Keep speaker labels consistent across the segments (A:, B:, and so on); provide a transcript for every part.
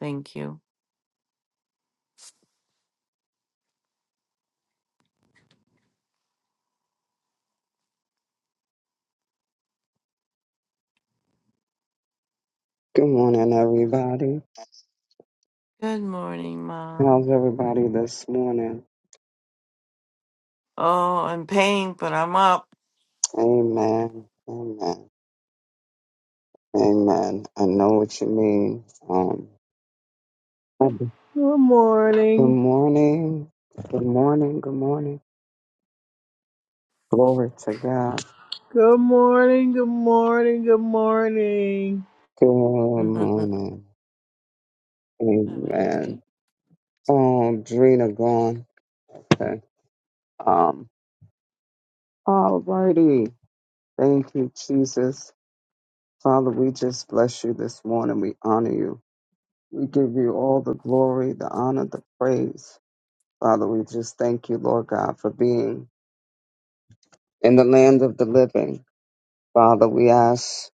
A: Thank you.
B: Good morning, everybody.
A: Good morning, Mom.
B: How's everybody this morning?
A: Oh, I'm pain, but I'm up.
B: Amen. Amen. Amen. I know what you mean. Um, good
C: Good morning.
B: morning. Good morning. Good morning. Glory to God.
C: Good morning. Good morning. Good morning.
B: Good
A: Mom,
B: morning.
A: are you okay?
B: Amen. Oh, Drina gone. Okay. Um, all Thank you, Jesus. Father, we just bless you this morning. We honor you. We give you all the glory, the honor, the praise. Father, we just thank you, Lord God, for being in the land of the living. Father, we ask,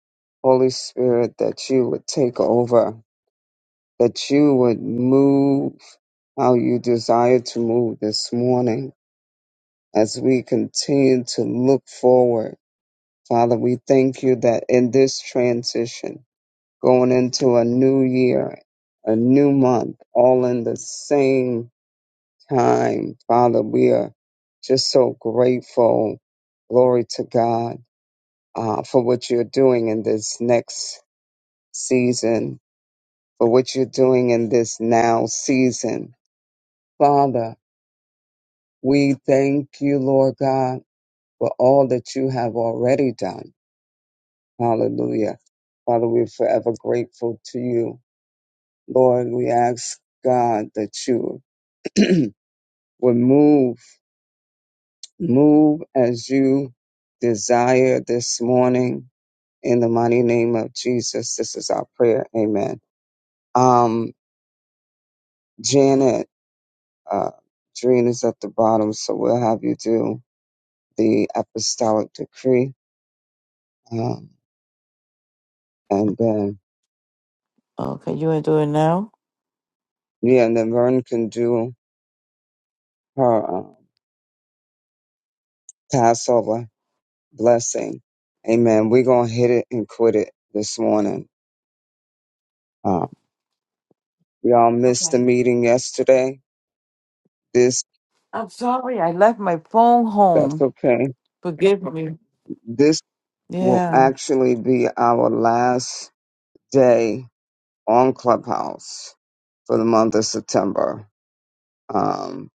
B: Holy Spirit, that you would take over, that you would move how you desire to move this morning as we continue to look forward. Father, we thank you that in this transition, going into a new year, a new month, all in the same time. Father, we are just so grateful. Glory to God uh, for what you're doing in this next season, for what you're doing in this now season. Father, we thank you, Lord God, for all that you have already done. Hallelujah. Father, we're forever grateful to you. Lord, we ask God that you would move Move as you desire this morning in the mighty name of Jesus. This is our prayer. Amen. Um, Janet, uh, Dreen is at the bottom, so we'll have you do the apostolic decree. Um, and then,
A: Okay, you want to do it now?
B: yeah, and then Vern can do her um, Passover blessing. Amen. We're going to hit it and quit it this morning. Uh, we all missed
A: Okay.
B: the meeting yesterday. This,
A: I'm sorry, I left my phone
B: that's
A: home.
B: okay
A: Forgive me. Okay.
B: This. will
A: Yeah.
B: actually be our last day on Clubhouse for the month of September. Um,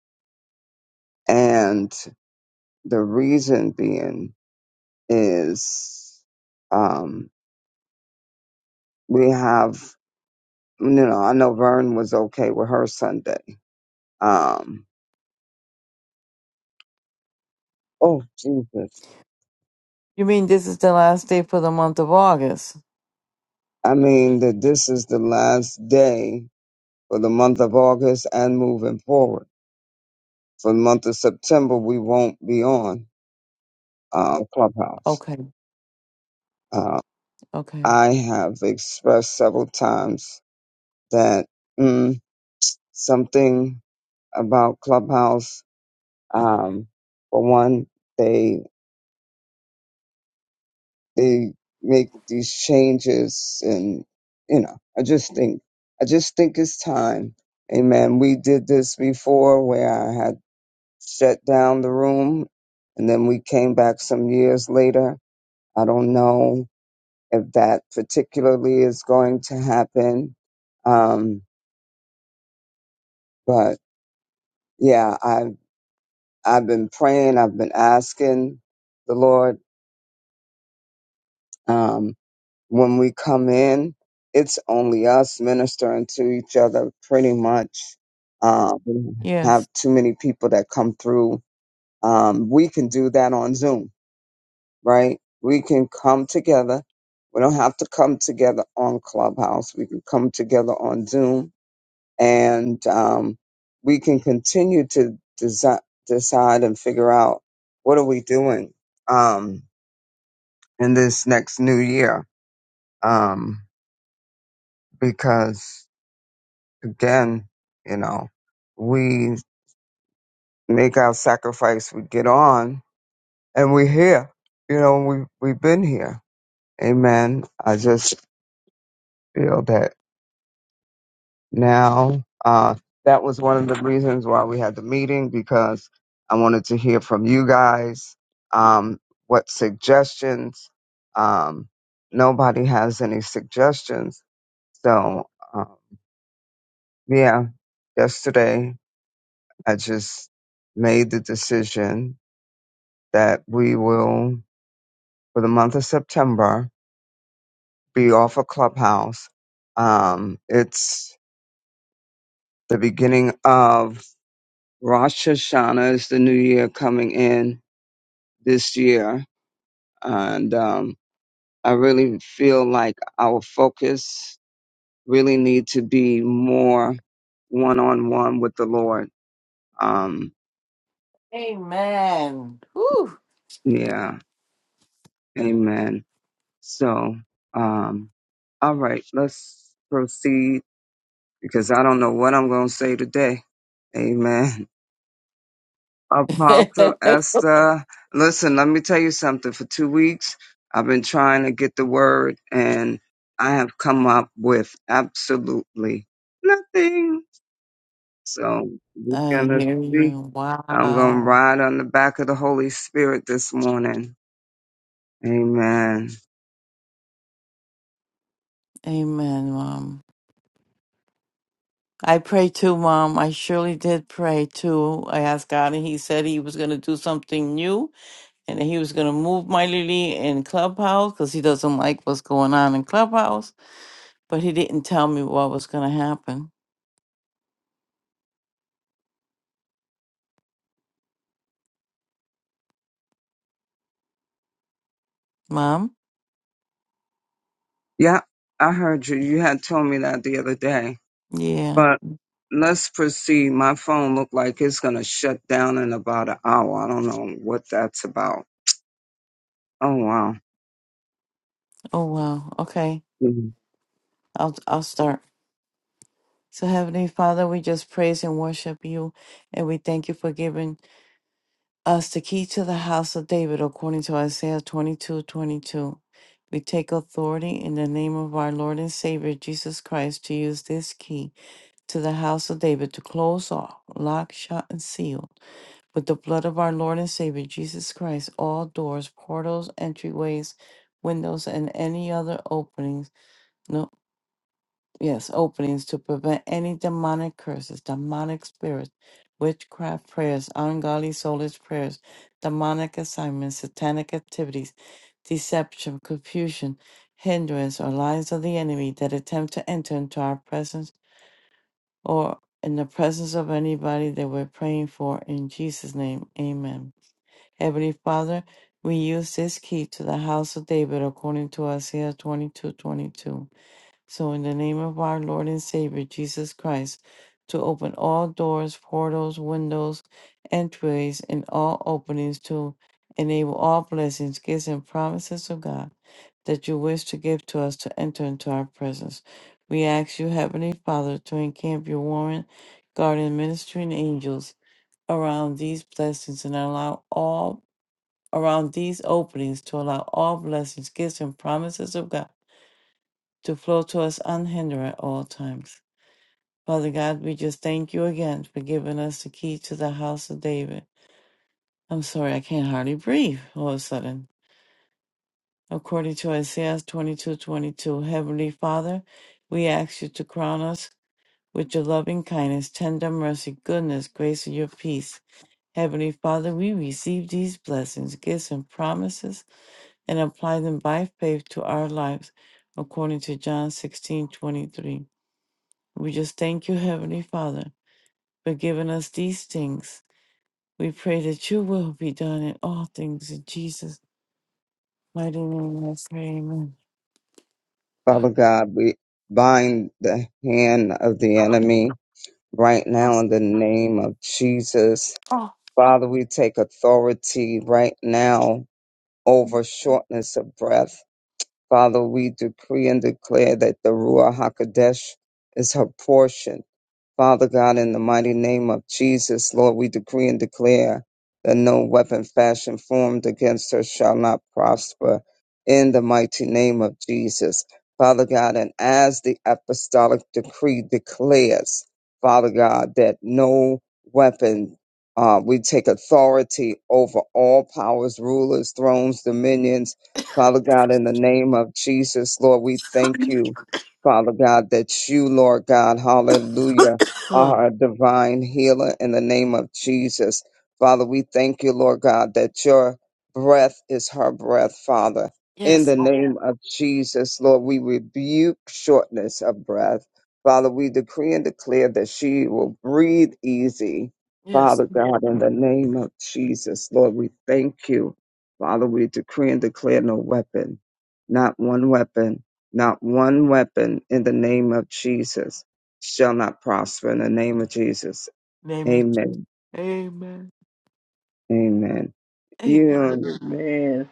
B: and the reason being is um, we have, you know, I know Vern was okay with her Sunday. Um, oh, Jesus.
A: You mean this is the last day for the month of August?
B: I mean, that this is the last day for the month of August and moving forward. For the month of September, we won't be on uh, Clubhouse
A: Okay,
B: Uh,
A: okay.
B: I have expressed several times that mm, something about Clubhouse, um, for one, they they make these changes, and you know, I just think I just think it's time. Amen. We did this before, where I had shut down the room, and then we came back some years later. I don't know if that particularly is going to happen, um, but. yeah, I've I've been praying. I've been asking the Lord. Um, when we come in, it's only us ministering to each other, pretty much. Um, we don't have
A: Yes.
B: too many people that come through. Um, we can do that on Zoom, right? We can come together. We don't have to come together on Clubhouse. We can come together on Zoom and um, we can continue to desi- decide and figure out what are we doing um, in this next new year um, because again you know we make our sacrifice we get on and we're here you know we, we've been here amen i just feel that. now. Uh, that was one of the reasons why we had the meeting because I wanted to hear from you guys um, what suggestions. Um, nobody has any suggestions. So, uh, yeah, yesterday I just made the decision that we will, for the month of September, be off of Clubhouse. Um, it's the beginning of Rosh Hashanah is the new year coming in this year, and um, I really feel like our focus really need to be more one on one with the Lord. Um,
A: Amen. Whew.
B: yeah, Amen. So, um, all right, let's proceed because I don't know what I'm going to say today. Amen. Apostle Esther, listen, let me tell you something. For two weeks, I've been trying to get the word, and I have come up with absolutely nothing. So we're
A: I
B: gonna
A: hear
B: see.
A: you.
B: I'm gonna
A: Wow.
B: ride on the back of the Holy Spirit this morning. Amen.
A: Amen, Mom. I prayed too, Mom. I surely did pray too. I asked God, and He said He was going to do something new and He was going to move my Lily in Clubhouse because He doesn't like what's going on in Clubhouse. But He didn't tell me what was going to happen. Mom?
B: Yeah, I heard you. You had told me that the other day,
A: Yeah.
B: but. Let's proceed. My phone looked like it's gonna shut down in about an hour. I don't know what that's about. Oh wow.
A: Oh, wow. Okay.
B: Mm-hmm.
A: I'll, I'll start. So, Heavenly Father, we just praise and worship you and we thank you for giving us the key to the house of David according to Isaiah twenty-two, twenty-two. We take authority in the name of our Lord and Savior Jesus Christ to use this key to the house of David to close off, lock, shut, and seal with the blood of our Lord and Savior Jesus Christ all doors, portals, entryways, windows, and any other openings no yes, openings to prevent any demonic curses, demonic spirits, witchcraft prayers, ungodly soulless prayers, demonic assignments, satanic activities, deception, confusion, hindrance, or lies of the enemy that attempt to enter into our presence or in the presence of anybody that we're praying for. In Jesus' name, amen. Heavenly Father, we use this key to the house of David according to Isaiah 22:22. So, in the name of our Lord and Savior Jesus Christ, to open all doors, portals, windows, entryways, and all openings to enable all blessings, gifts, and promises of God that you wish to give to us to enter into our presence. We ask you, Heavenly Father, to encamp your warrant, guardian, ministering angels around these blessings and allow all around these openings to allow all blessings, gifts, and promises of God to flow to us unhindered at all times. Father God, we just thank you again for giving us the key to the house of David. I'm sorry, I can't hardly breathe all of a sudden. According to Isaiah 22:22, Heavenly Father, we ask you to crown us with your loving kindness, tender mercy, goodness, grace, and your peace. Heavenly Father, we receive these blessings, gifts, and promises and apply them by faith to our lives, according to John 16:23. We just thank you, Heavenly Father, for giving us these things. We pray that your will be done in all things in Jesus' mighty name. I pray, amen.
B: Father God, we bind the hand of the
A: Oh,
B: enemy right now in the name of Jesus.
A: oh,
B: Father, we take authority right now over shortness of breath. Father, we decree and declare that the Ruach HaKodesh is her portion Father God, in the mighty name of Jesus, Lord, we decree and declare that no weapon fashioned formed against her shall not prosper. In the mighty name of Jesus, Father God, and as the apostolic decree declares, Father God, that no weapon, uh, we take authority over all powers, rulers, thrones, dominions. Father God, in the name of Jesus, Lord, we thank you, Father God, that you, Lord God, hallelujah are a divine healer in the name of Jesus. Father, we thank you, Lord God, that your breath is her breath, Father. In
A: yes,
B: the
A: oh,
B: name of Jesus, Lord, we rebuke shortness of breath. Father, we decree and declare that she will breathe easy.
A: yes.
B: Father God, in the name of Jesus, Lord, we thank you. Father, we decree and declare no weapon, not one weapon, not one weapon in the name of Jesus shall not prosper in the name of Jesus.
A: Name it Jesus.
B: Amen.
A: Amen.
B: Amen.
A: Amen.
B: You
C: Amen.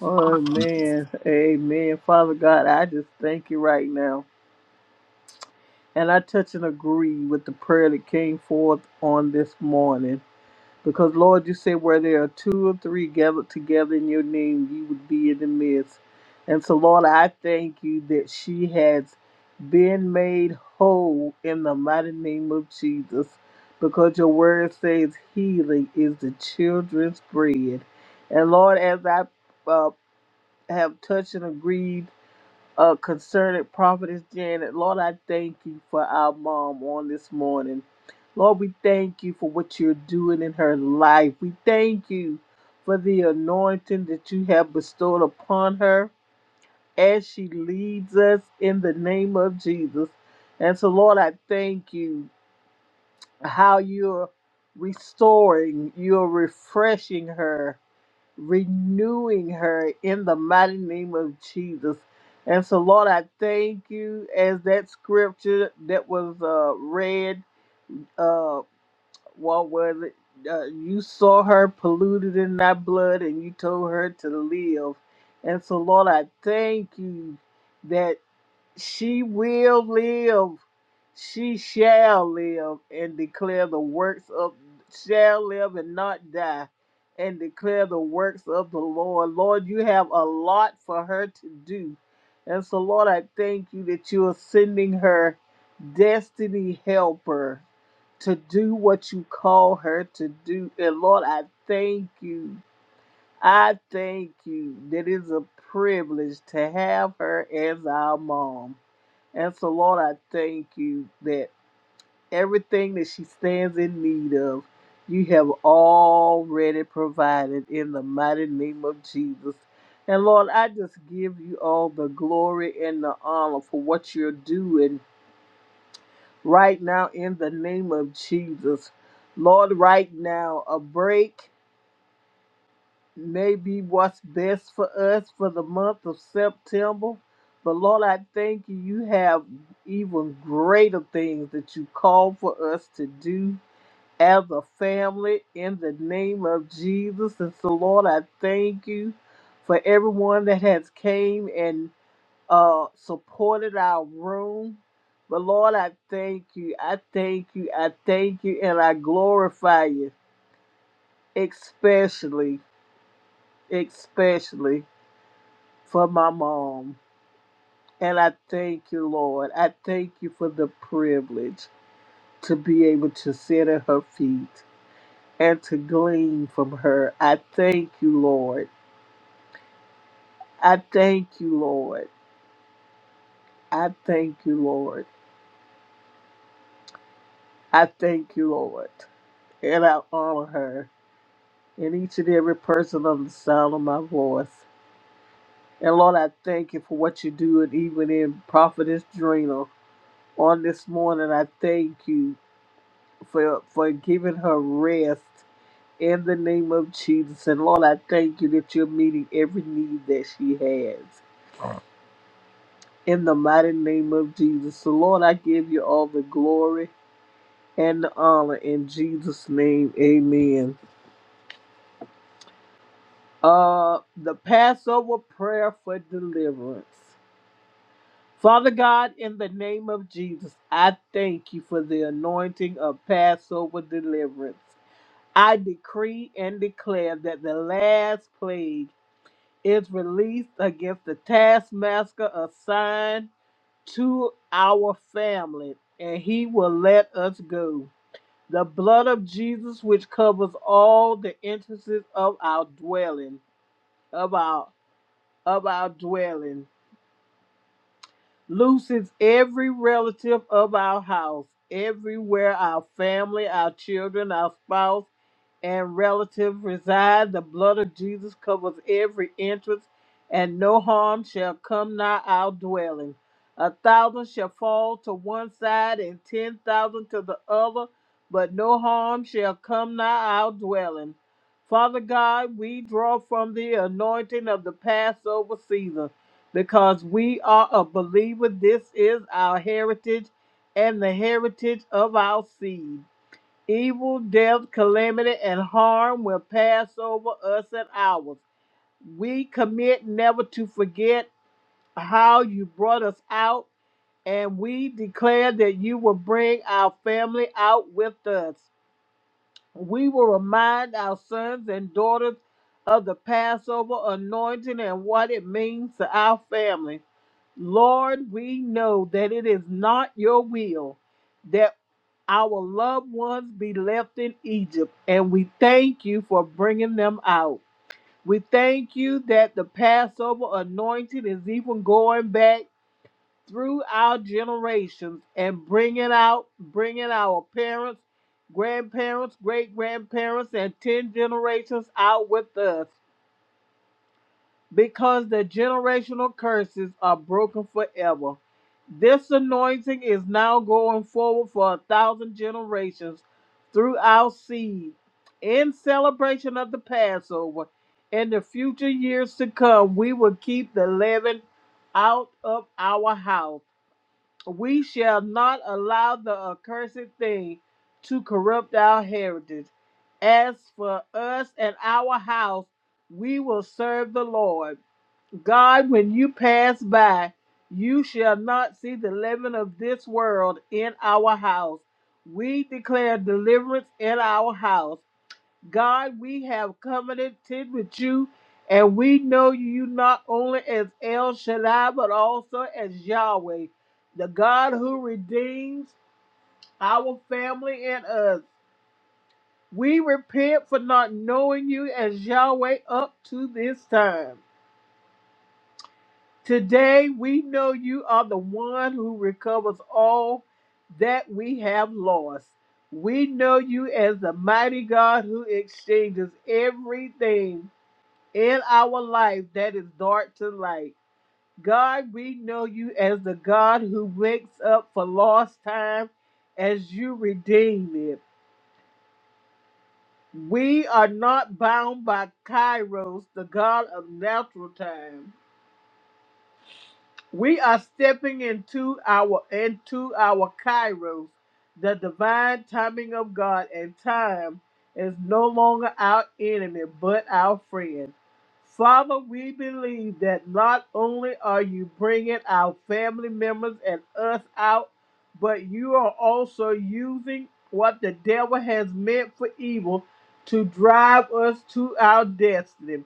C: Oh man. Amen. Father God, I just thank you right now. And I touch and agree with the prayer that came forth on this morning. Because, Lord, you say where there are two or three gathered together in your name, you would be in the midst. And so, Lord, I thank you that she has been made whole in the mighty name of Jesus. Because your word says healing is the children's bread. And, Lord, as I uh, have touched and agreed uh, concerning Prophetess Janet. Lord, I thank you for our mom on this morning. Lord, we thank you for what you're doing in her life. We thank you for the anointing that you have bestowed upon her as she leads us in the name of Jesus. And so, Lord, I thank you how you're restoring, you're refreshing her renewing her in the mighty name of Jesus. And so, Lord, I thank you as that scripture that was uh, read, uh, what was it? Uh, you saw her polluted in thy blood and you told her to live. And so, Lord, I thank you that. She will live. She shall live and declare the works of shall live and not die and declare the works of the Lord. Lord, you have a lot for her to do. And so Lord, I thank you that you are sending her destiny helper to do what you call her to do. And Lord, I thank you. I thank you that it is a privilege to have her as our mom. And so, Lord, I thank you that everything that she stands in need of, you have already provided in the mighty name of Jesus. And Lord, I just give you all the glory and the honor for what you're doing right now in the name of Jesus. Lord, right now, a break maybe what's best for us for the month of September. But Lord, I thank you. You have even greater things that you call for us to do as a family in the name of Jesus. And so, Lord, I thank you for everyone that has came and uh, supported our room. But Lord, I thank you. I thank you. I thank you, and I glorify you, especially, especially. for my mom. And I thank you, Lord. I thank you for the privilege to be able to sit at her feet and to glean from her. I thank you, Lord. I thank you, Lord. I thank you, Lord. I thank you, Lord. And I honor her and each and every person on the sound of my voice. And Lord, I thank you for what you do, and even in Prophetess Drina on this morning, I thank you for for giving her rest In the name of Jesus. And Lord, I thank you that you're meeting every need that she has. In the mighty name of Jesus. So, Lord, I give you all the glory and the honor in Jesus' name. Amen. Uh, the Passover prayer for deliverance. Father God, in the name of Jesus, I thank you for the anointing of Passover deliverance. I decree and declare that the last plague is released against the taskmaster assigned to our family, and he will let us go. The blood of Jesus, which covers all the entrances of our dwelling, of our of our dwelling, looses every relative of our house, everywhere our family, our children, our spouse and relative reside. The blood of Jesus covers every entrance, and no harm shall come nigh our dwelling. A thousand shall fall to one side and ten thousand to the other, but no harm shall come nigh our dwelling. Father God, we draw from the anointing of the Passover season because we are a believer. This is our heritage and the heritage of our seed. Evil, death, calamity, and harm will pass over us and ours. We commit never to forget how you brought us out, and we declare that you will bring our family out with us. We will remind our sons and daughters of the Passover anointing and what it means to our family. Lord, we know that it is not your will that. Our loved ones be left in Egypt, and we thank you for bringing them out. We thank you that the Passover anointing is even going back through our generations and bringing out, bringing our parents, grandparents, great grandparents, and 10 generations out with us because the generational curses are broken forever. This anointing is now going forward for a thousand generations through our seed in celebration of the Passover. In the future years to come, we will keep the leaven out of our house. We shall not allow the accursed thing to corrupt our heritage. As for us and our house, we will serve the Lord. God, when you pass by, you shall not see the leaven of this world in our house. We declare deliverance in our house. God, we have covenanted with you, and we know you not only as El Shaddai, but also as Yahweh, the God who redeems our family and us. We repent for not knowing you as Yahweh up to this time. Today we know you are the one who recovers all that we have lost. We know you as the mighty God who exchanges everything in our life that is dark to light. God, we know you as the God who wakes up for lost time as you redeem it. We are not bound by Kairos, the God of natural time. We are stepping into our into our kairos, the divine timing of God, and time is no longer our enemy but our friend. Father, we believe that not only are you bringing our family members and us out, but you are also using what the devil has meant for evil to drive us to our destiny.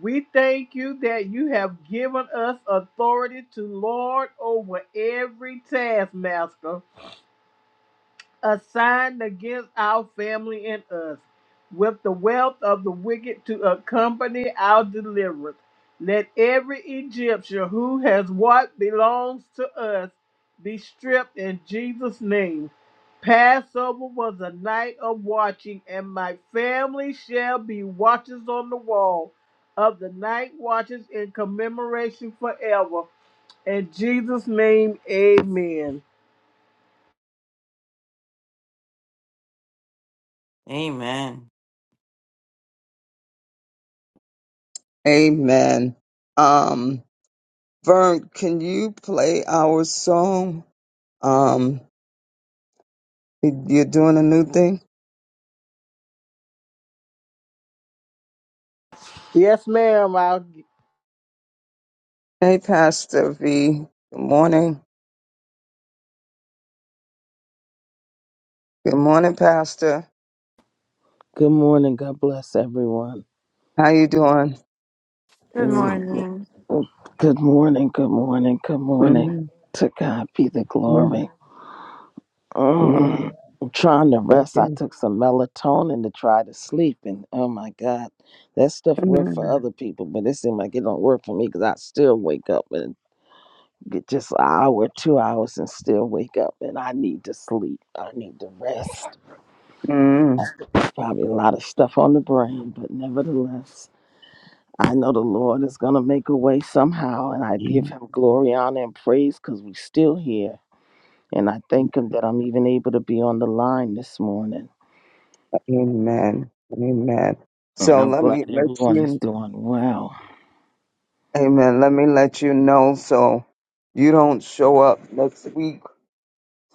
C: We thank you that you have given us authority to lord over every taskmaster assigned against our family and us, with the wealth of the wicked to accompany our deliverance. Let every Egyptian who has what belongs to us be stripped in Jesus' name. Passover was a night of watching, and my family shall be watchers on the wall of the night watches in commemoration forever. In Jesus' name, amen.
A: Amen.
B: amen. Um Vern, can you play our song? Um you're doing a new thing?
C: Yes, ma'am. i I'll.
B: Hey Pastor V. Good morning. Good morning, Pastor.
D: Good morning. God bless everyone.
B: How you doing?
A: Good
D: Mm.
A: morning.
D: Good morning. Good morning. Good morning.
B: mm
D: To God be the
B: mm,
D: glory.
B: Yeah,
D: Mm. I'm trying to
B: thank
D: rest. I
B: you.
D: took some melatonin to try to sleep, and oh my God, that stuff worked for
B: mm
D: other people, but it seemed like it don't work for me because I still wake up and get just an hour, two hours, and still wake up, and I need to sleep. I need to rest.
B: mm.
D: Probably a lot of stuff on the brain, but nevertheless. I know the Lord is going to make a way somehow, and I give him glory, honor, and praise because we're still here. And I thank him that I'm even able to be on the line this morning.
B: Amen. Amen.
D: And
B: So
D: I'm
B: let me
D: glad
B: let
D: everyone
B: you
D: is doing well.
B: Amen. Let me let you know so you don't show up next week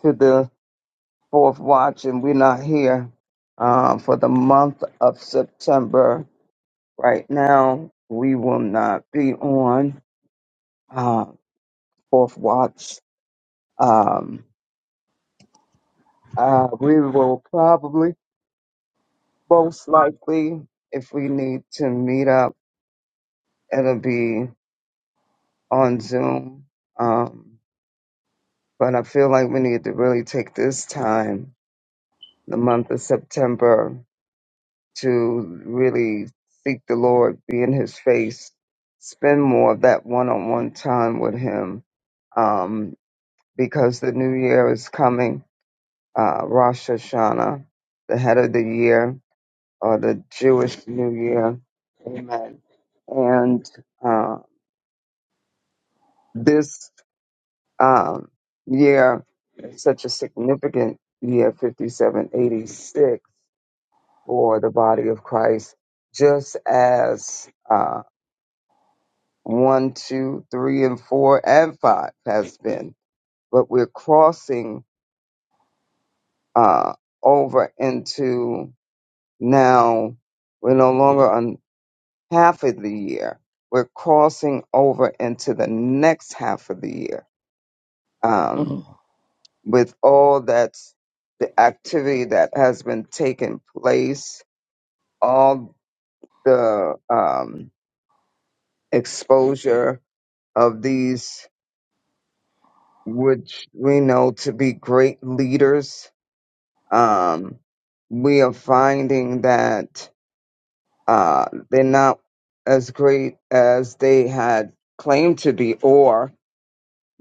B: to the fourth watch and we're not here uh, for the month of September. Right now, we will not be on uh, fourth watch. Um, uh, we will probably, most likely, if we need to meet up, it'll be on Zoom. Um, but I feel like we need to really take this time the month of September to really seek the Lord, be in His face, spend more of that one on one time with Him um, because the new year is coming. Uh, Rosh Hashanah, the head of the year, or the Jewish New Year. Amen. And uh, this um, year is such a significant year, 5786 for the body of Christ, just as uh, one, two, three, and four, and five has been. But we're crossing uh, over into now, we're no longer on half of the year. We're crossing over into the next half of the year um, with all that's the activity that has been taking place, all the um, exposure of these, which we know to be great leaders, um, we are finding that uh, they're not as great as they had claimed to be, or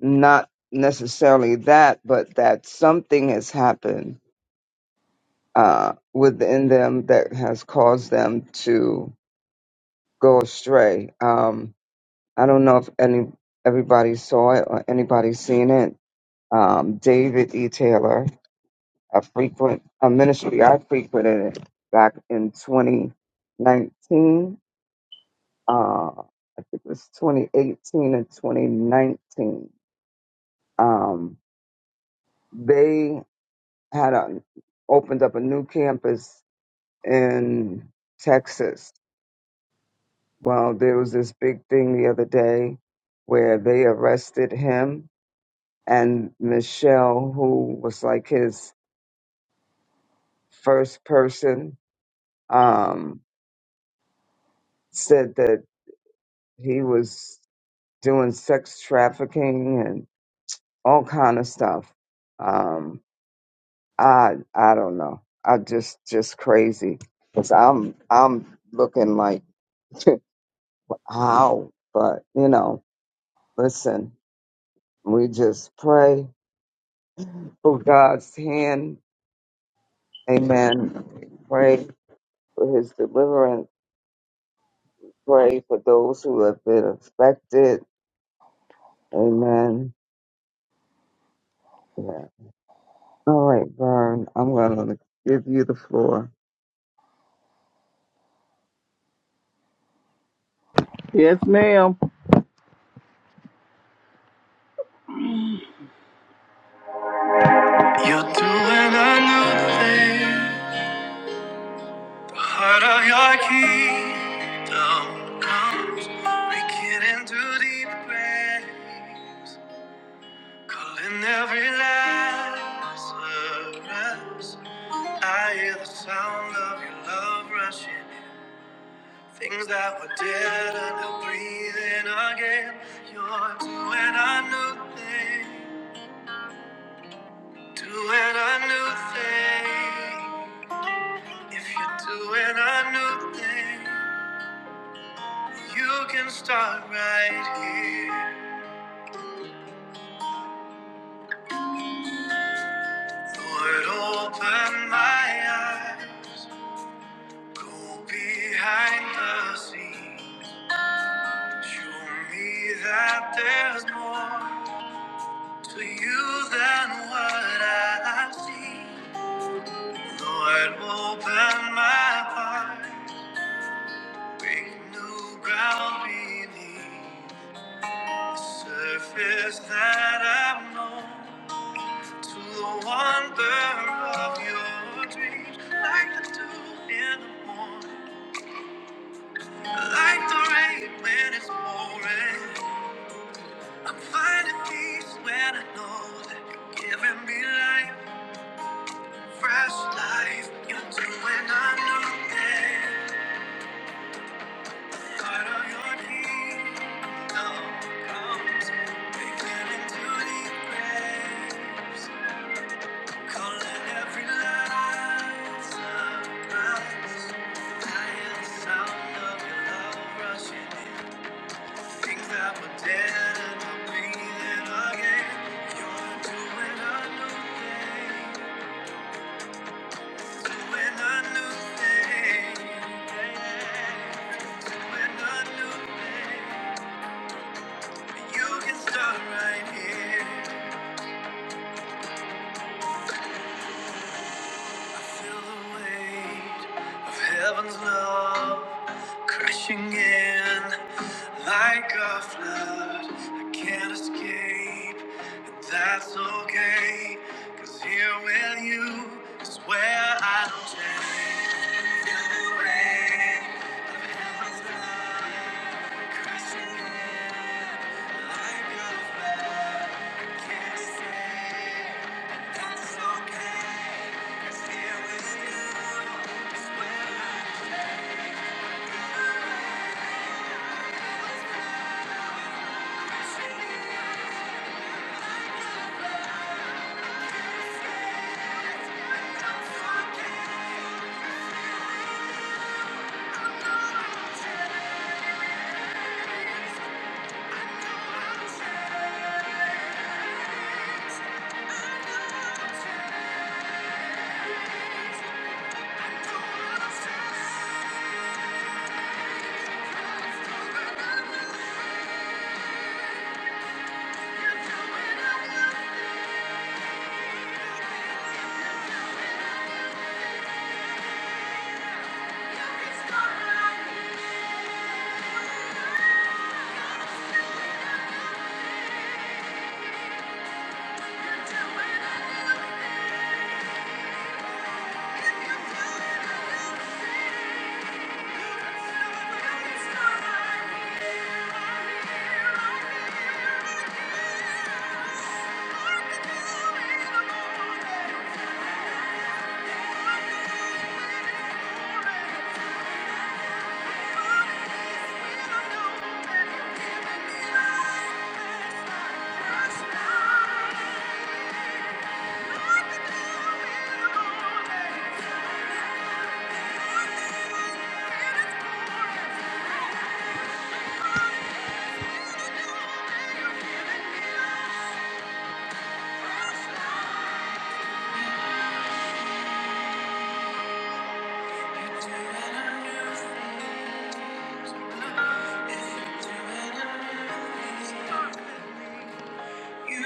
B: not necessarily that, but that something has happened uh, within them that has caused them to go astray. Um, I don't know if any everybody saw it or anybody seen it. Um, David E. Taylor a frequent a ministry I frequented it back in 2019. Uh, I think it was 2018 and 2019. Um, they had a, opened up a new campus in Texas. Well, there was this big thing the other day where they arrested him and Michelle, who was like his first person, um, said that he was doing sex trafficking and all kind of stuff. Um, I I don't know. I just just crazy because I'm I'm looking like how, but you know, listen, we just pray for God's hand. Amen. Pray for His deliverance. Pray for those who have been affected. Amen. Yeah. All right, Vern. I'm gonna give you the floor.
C: Yes, ma'am. You're doing a new thing. The harder your kingdom comes, breaking into deep graves, calling every Lazarus. I hear the sound of your love rushing. Things that were dead are now breathing again. You're doing a new thing, doing a new thing. If you're doing a new thing, you can start right here. Lord, open my eyes. Go behind the scenes. Show me that there's more to you than what I've seen. Lord, open my heart. Break new ground beneath the surface that I've known to the wonder of your dreams, like the dew in the morning, like the rain when it's pouring. I'm finding peace when I know that you're giving me life, fresh life. You're doing a new thing. Right things that were dead and are breathing again. You're doing a new thing, doing a new thing, Yeah. doing a new thing. You can start right here. I feel the weight of heaven's love crashing in like a flood. I can't escape, and that's okay. Cause here with you is where I don't change. Feel the weight of heaven's love crashing in like a flood. Thank you. Thank you. Thank you. You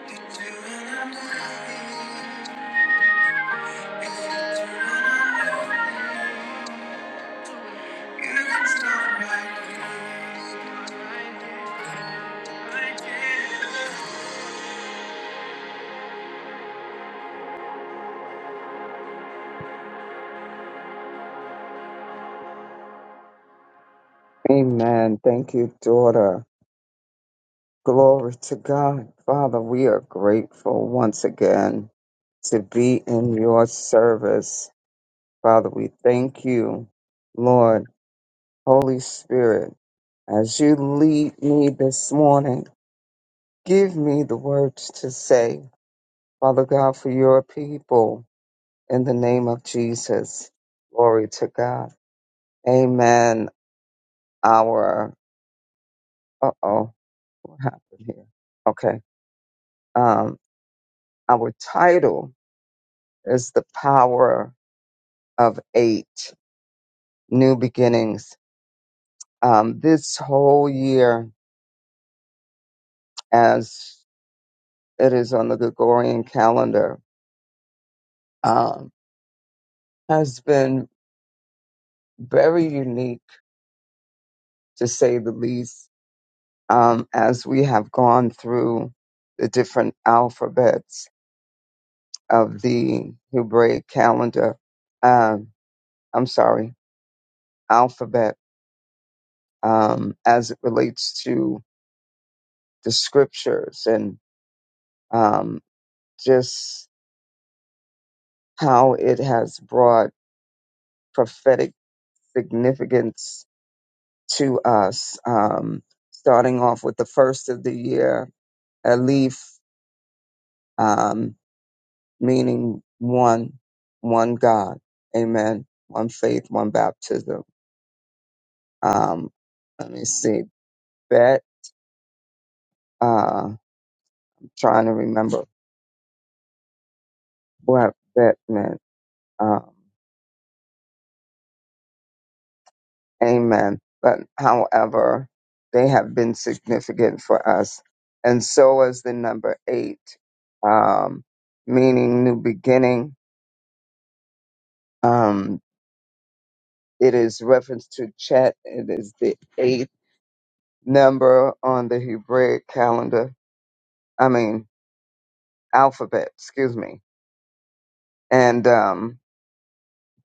C: are
B: Amen. Thank you, daughter. Glory to God. Father, we are grateful once again to be in your service. Father, we thank you, Lord, Holy Spirit, as you lead me this morning. Give me the words to say, Father God, for your people in the name of Jesus. Glory to God. Amen. Our, uh oh, what happened here? Okay. um, Our title is The Power of Eight New Beginnings. Um, this whole year, as it is on the Gregorian calendar, um, has been very unique to say the least, um, as we have gone through the different alphabets of the Hebraic calendar. Um, I'm sorry, alphabet, um, as it relates to the scriptures and um, just how it has brought prophetic significance to us. Um, starting off with the first of the year, Elif, um, meaning one, one God. Amen. One faith, one baptism. Um, let me see. Bet, uh, I'm trying to remember what bet meant. Um, Amen. But however, they have been significant for us. And so is the number eight, um, meaning new beginning. Um, it is reference to Chet. It is the eighth number on the Hebraic calendar. I mean, alphabet, excuse me. And um,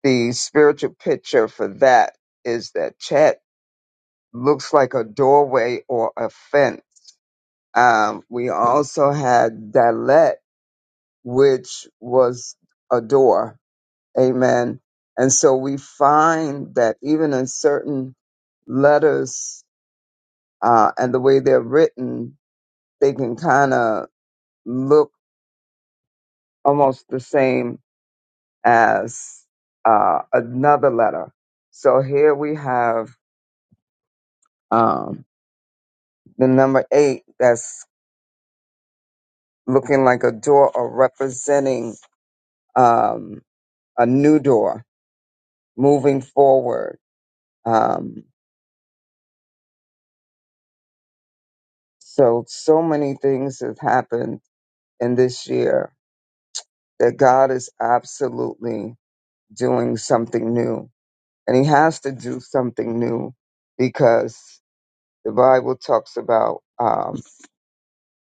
B: the spiritual picture for that is that Chet looks like a doorway or a fence. Um, we also had Dalet, which was a door. Amen. And so we find that even in certain letters uh, and the way they're written, they can kind of look almost the same as uh, another letter. So here we have um, the number eight that's looking like a door or representing um, a new door moving forward. Um, So, so many things have happened in this year that God is absolutely doing something new. And He has to do something new because the Bible talks about um,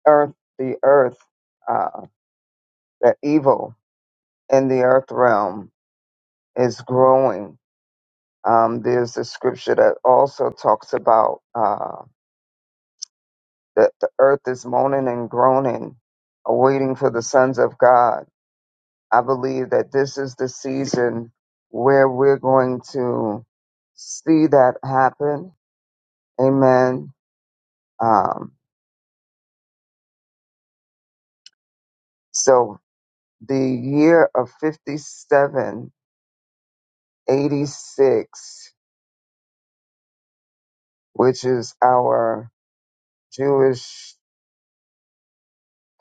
B: earth, the earth, uh, that evil in the earth realm is growing. Um, there's a scripture that also talks about uh, that the earth is moaning and groaning, awaiting for the sons of God I believe that this is the season where we're going to see that happen. Amen. Um, so the year of 5786, which is our Jewish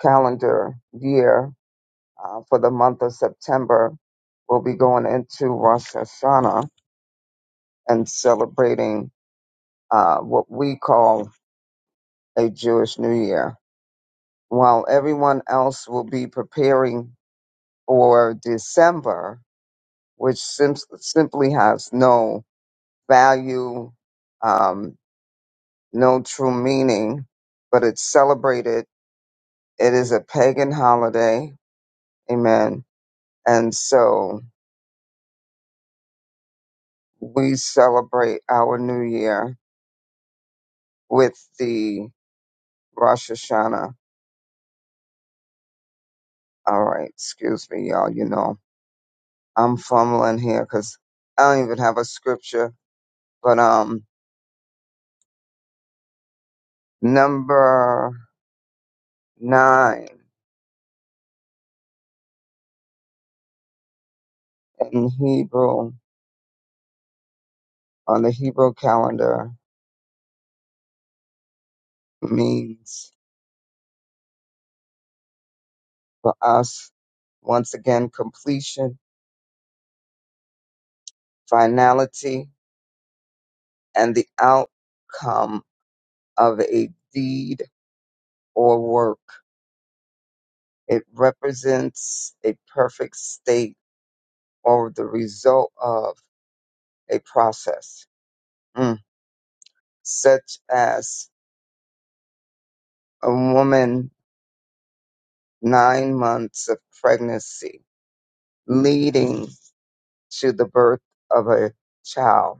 B: calendar year uh, for the month of September, we'll be going into Rosh Hashanah and celebrating uh, what we call a Jewish New Year. while everyone else will be preparing for December, which sim- simply has no value, um, no true meaning, but it's celebrated. It is a pagan holiday. Amen. And so we celebrate our new year with the Rosh Hashanah. All right. Excuse me, y'all. You know, I'm fumbling here because I don't even have a scripture, but, um, number Nine in Hebrew, on the Hebrew calendar, means for us, once again, completion, finality, and the outcome of a deed or work. It represents a perfect state or the result of a process, Mm. such as a woman nine months of pregnancy leading to the birth of a child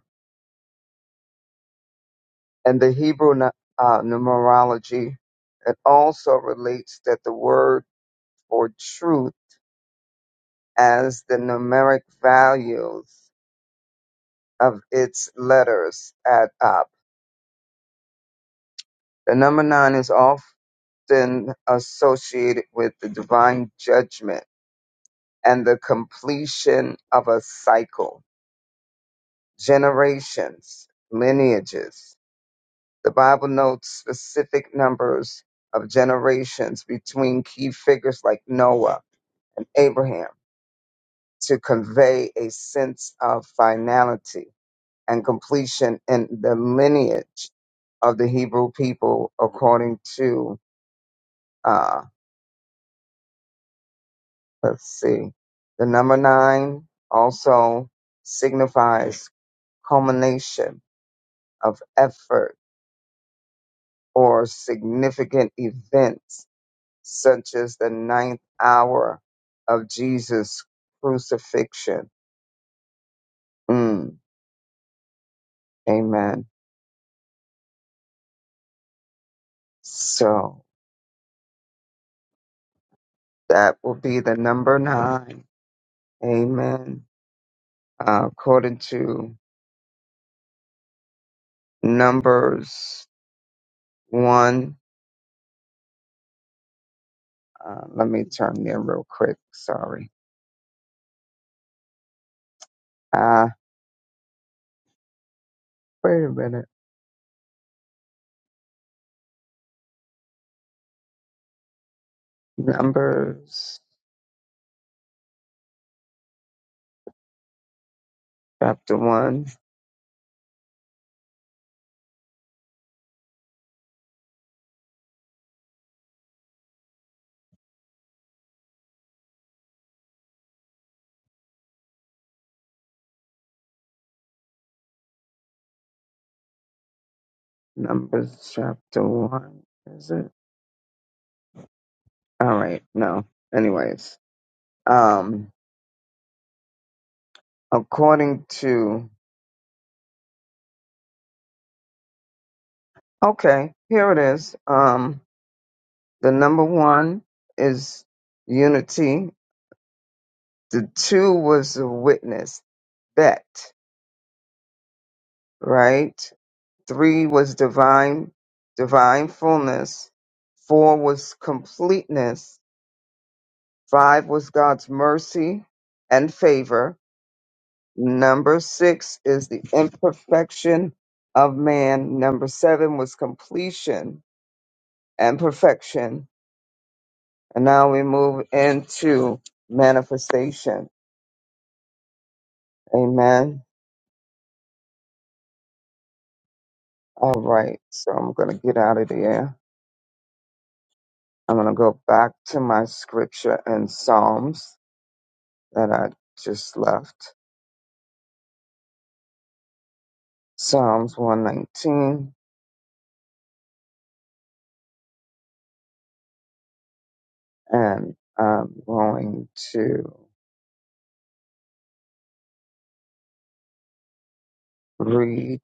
B: and the Hebrew nu- uh, numerology, it also relates that the word for truth as the numeric values of its letters add up. The number nine is often associated with the divine judgment and the completion of a cycle, generations, lineages. The Bible notes specific numbers of generations between key figures like Noah. and Abraham to convey a sense of finality and completion in the lineage of the Hebrew people, according to, uh, let's see, the number nine also signifies culmination of effort or significant events, such as the ninth hour of Jesus' crucifixion. Mm, amen. So. That will be the number nine. Amen. Uh, according to Numbers one, uh, let me turn there real quick. Sorry. Uh, wait a minute. Numbers chapter one. Numbers chapter one. Is it? All right. No. Anyways, um, according to, okay, here it is. Um, the number one is unity. The two was a witness Bet, right? Three was divine, divine fullness. Four was completeness. Five was God's mercy and favor. Number six is the imperfection of man. Number seven was completion and perfection. And now we move into manifestation. Amen. All right. So I'm going to get out of there. I'm going to go back to my scripture in Psalms that I just left. Psalms 119, and I'm going to read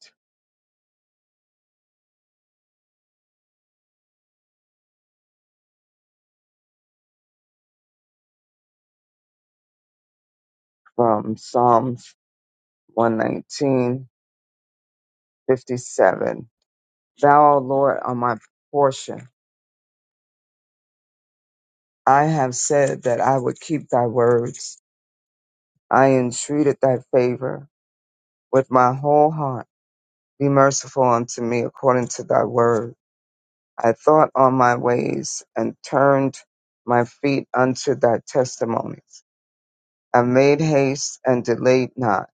B: from Psalms 119, Thou, O Lord, are my portion. I have said that I would keep thy words. I entreated thy favor with my whole heart. Be merciful unto me according to thy word. I thought on my ways and turned my feet unto thy testimonies. I made haste and delayed not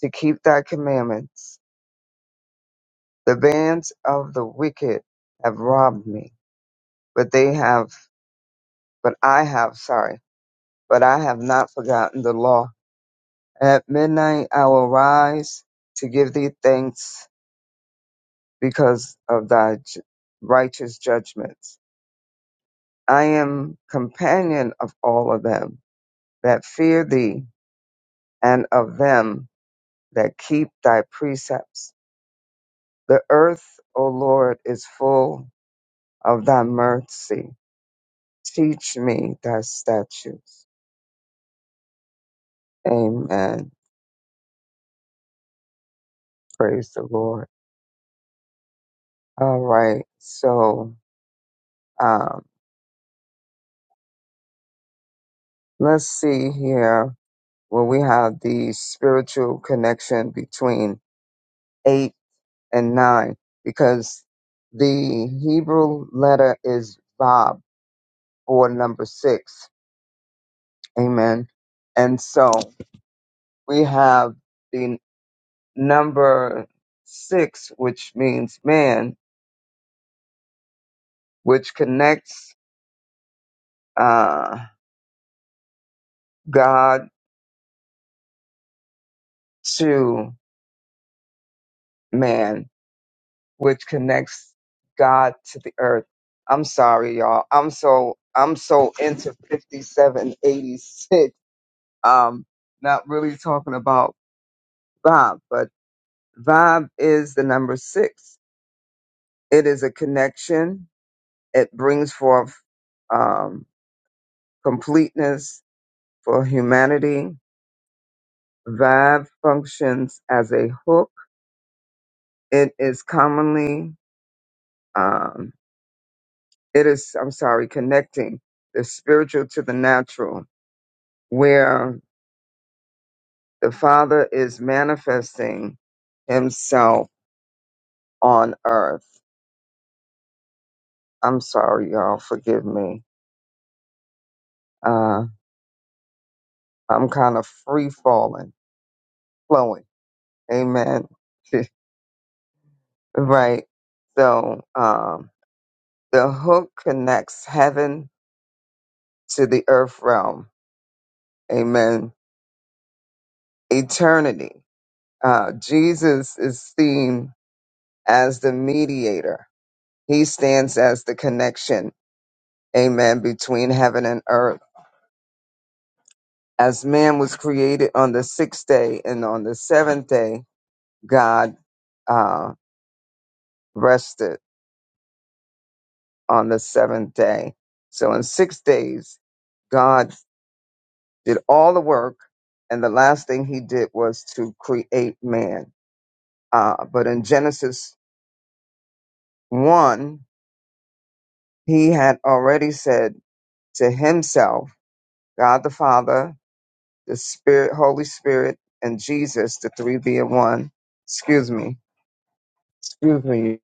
B: to keep thy commandments. The bands of the wicked have robbed me, but they have, but I have, sorry, but I have not forgotten the law. At midnight I will rise to give thee thanks because of thy ju- righteous judgments. I am companion of all of them that fear thee and of them that keep thy precepts. The earth, O Lord, is full of thy mercy. Teach me thy statutes. Amen. Praise the Lord. All right. So um, let's see here where we have the spiritual connection between eight and nine, because the Hebrew letter is Vav or number six. Amen. And so we have the number six, which means man, which connects uh, God to man, which connects God to the earth. I'm sorry, y'all. I'm so I'm so into 5786. Um, not really talking about vibe, but vibe is the number six. It is a connection. It brings forth um, completeness for humanity. Vibe functions as a hook. It is commonly um, It is, I'm sorry, connecting the spiritual to the natural, where the Father is manifesting himself on earth. I'm sorry, y'all. Forgive me. Uh, I'm kind of free falling, flowing. Amen. right. So, um, the hook connects heaven to the earth realm. Amen. Eternity. Uh, Jesus is seen as the mediator He stands as the connection, amen, between heaven and earth. As man was created on the sixth day, and on the seventh day, God uh, rested on the seventh day. So in six days, God did all the work, and the last thing he did was to create man. Uh, but in Genesis 1, he had already said to himself, God the Father, the Spirit, Holy Spirit, and Jesus, the three being one. Excuse me. Excuse me.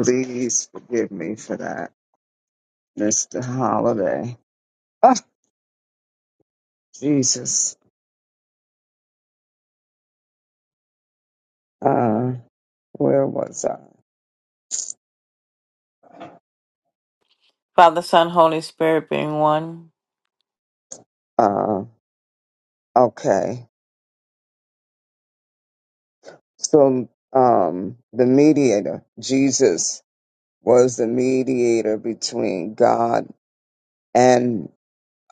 B: Please forgive me for that, Mr. Holiday. Oh, Jesus. Uh, where was I?
A: Father, Son, Holy Spirit being one.
B: Uh, okay. So, um, the mediator, Jesus, was the mediator between God and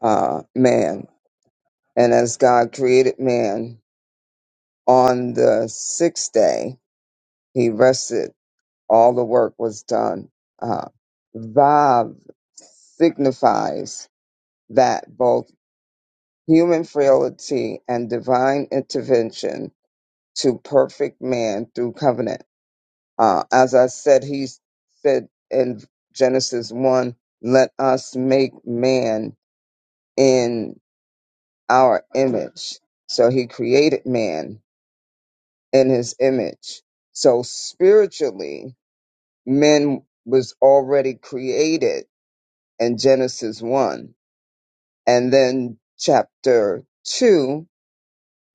B: uh, man. And as God created man on the sixth day, he rested all the work was done. Uh, Vav signifies that both human frailty and divine intervention to perfect man through covenant. Uh, as I said, he said in Genesis 1, let us make man in our image. So he created man in his image. So spiritually, men was already created And Genesis 1. And then chapter 2,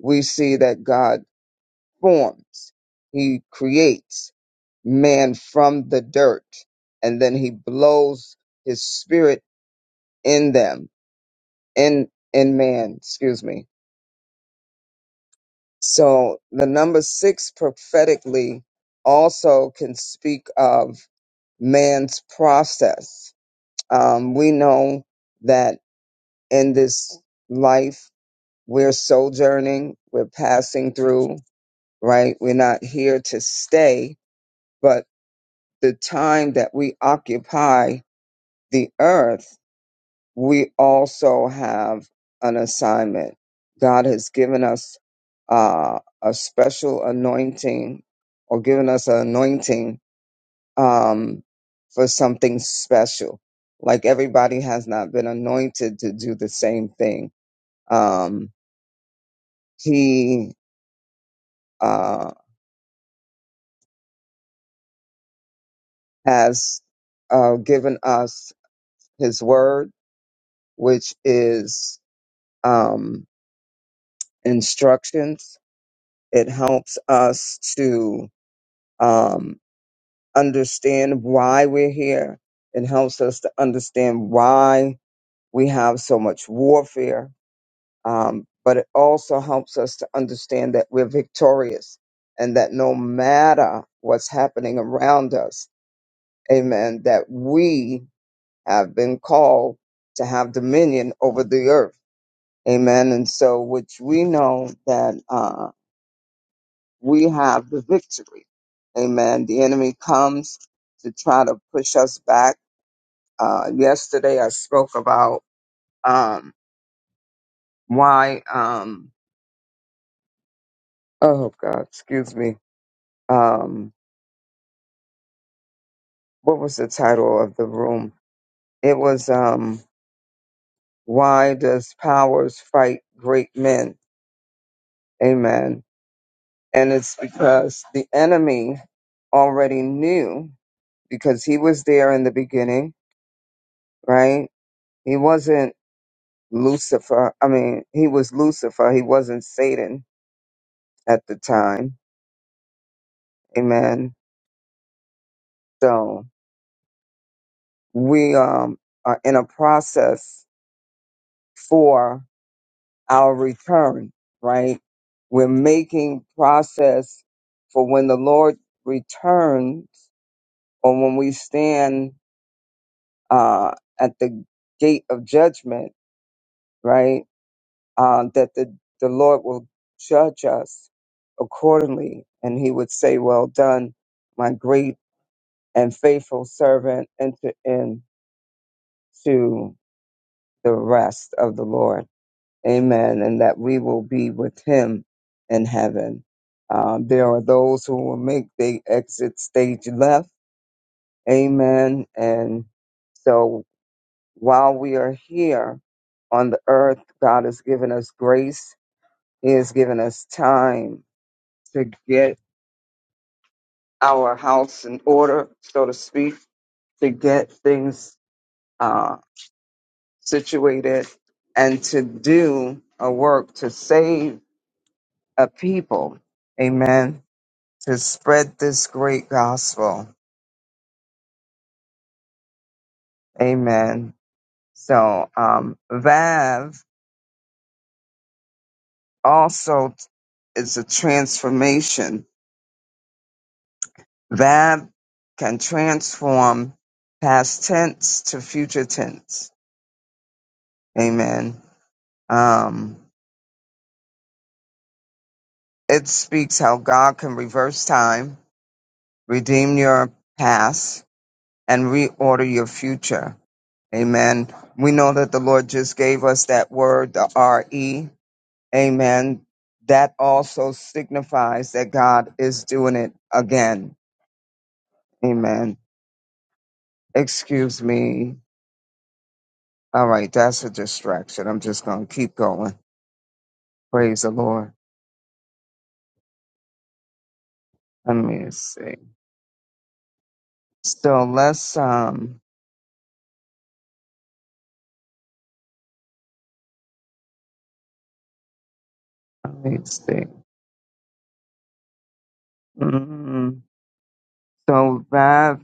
B: we see that God forms, He creates man from the dirt, and then He blows His spirit in them, in, in man, excuse me. So the number six prophetically also can speak of man's process. Um, we know that in this life, We're sojourning, we're passing through, right? We're not here to stay, but the time that we occupy the earth, we also have an assignment. God has given us uh, a special anointing or given us an anointing um, for something special. Like everybody has not been anointed to do the same thing. Um, he uh, has uh, given us his word, which is um, instructions. It helps us to um, understand why we're here. It helps us to understand why we have so much warfare. Um, but it also helps us to understand that we're victorious and that no matter what's happening around us, amen, that we have been called to have dominion over the earth. Amen. And so, which we know that uh, we have the victory. Amen. The enemy comes to try to push us back. Uh, yesterday, I spoke about um, why, um, oh God, excuse me. Um, what was the title of the room? It was um, Why Does Powers Fight Great Men? Amen And it's because the enemy already knew because he was there in the beginning, right? He wasn't Lucifer. I mean, he was Lucifer. He wasn't Satan at the time. Amen. So we um, are in a process for our return, right? We're making process for when the Lord returns or when we stand uh, at the gate of judgment right? Uh, that the, the Lord will judge us accordingly. And he would say, Well done, my great and faithful servant, enter into the rest of the Lord. Amen. And that we will be with him in heaven. Um, there are those who will make the exit stage left. Amen. And so while we are here on the earth, God has given us grace He has given us time to get our house in order, so to speak, to get things uh, situated and to do a work to save a people. Amen. To spread this great gospel. Amen. So, um, Vav also is a transformation. Vav can transform past tense to future tense Amen. Um, it speaks how God can reverse time, redeem your past, and reorder your future. Amen. We know that the Lord just gave us that word, the R-E. Amen. That also signifies that God is doing it again. Amen. Excuse me. All right, that's a distraction. I'm just gonna keep going. Praise the Lord. Let me see. So let's um let me see. Mm. So Vav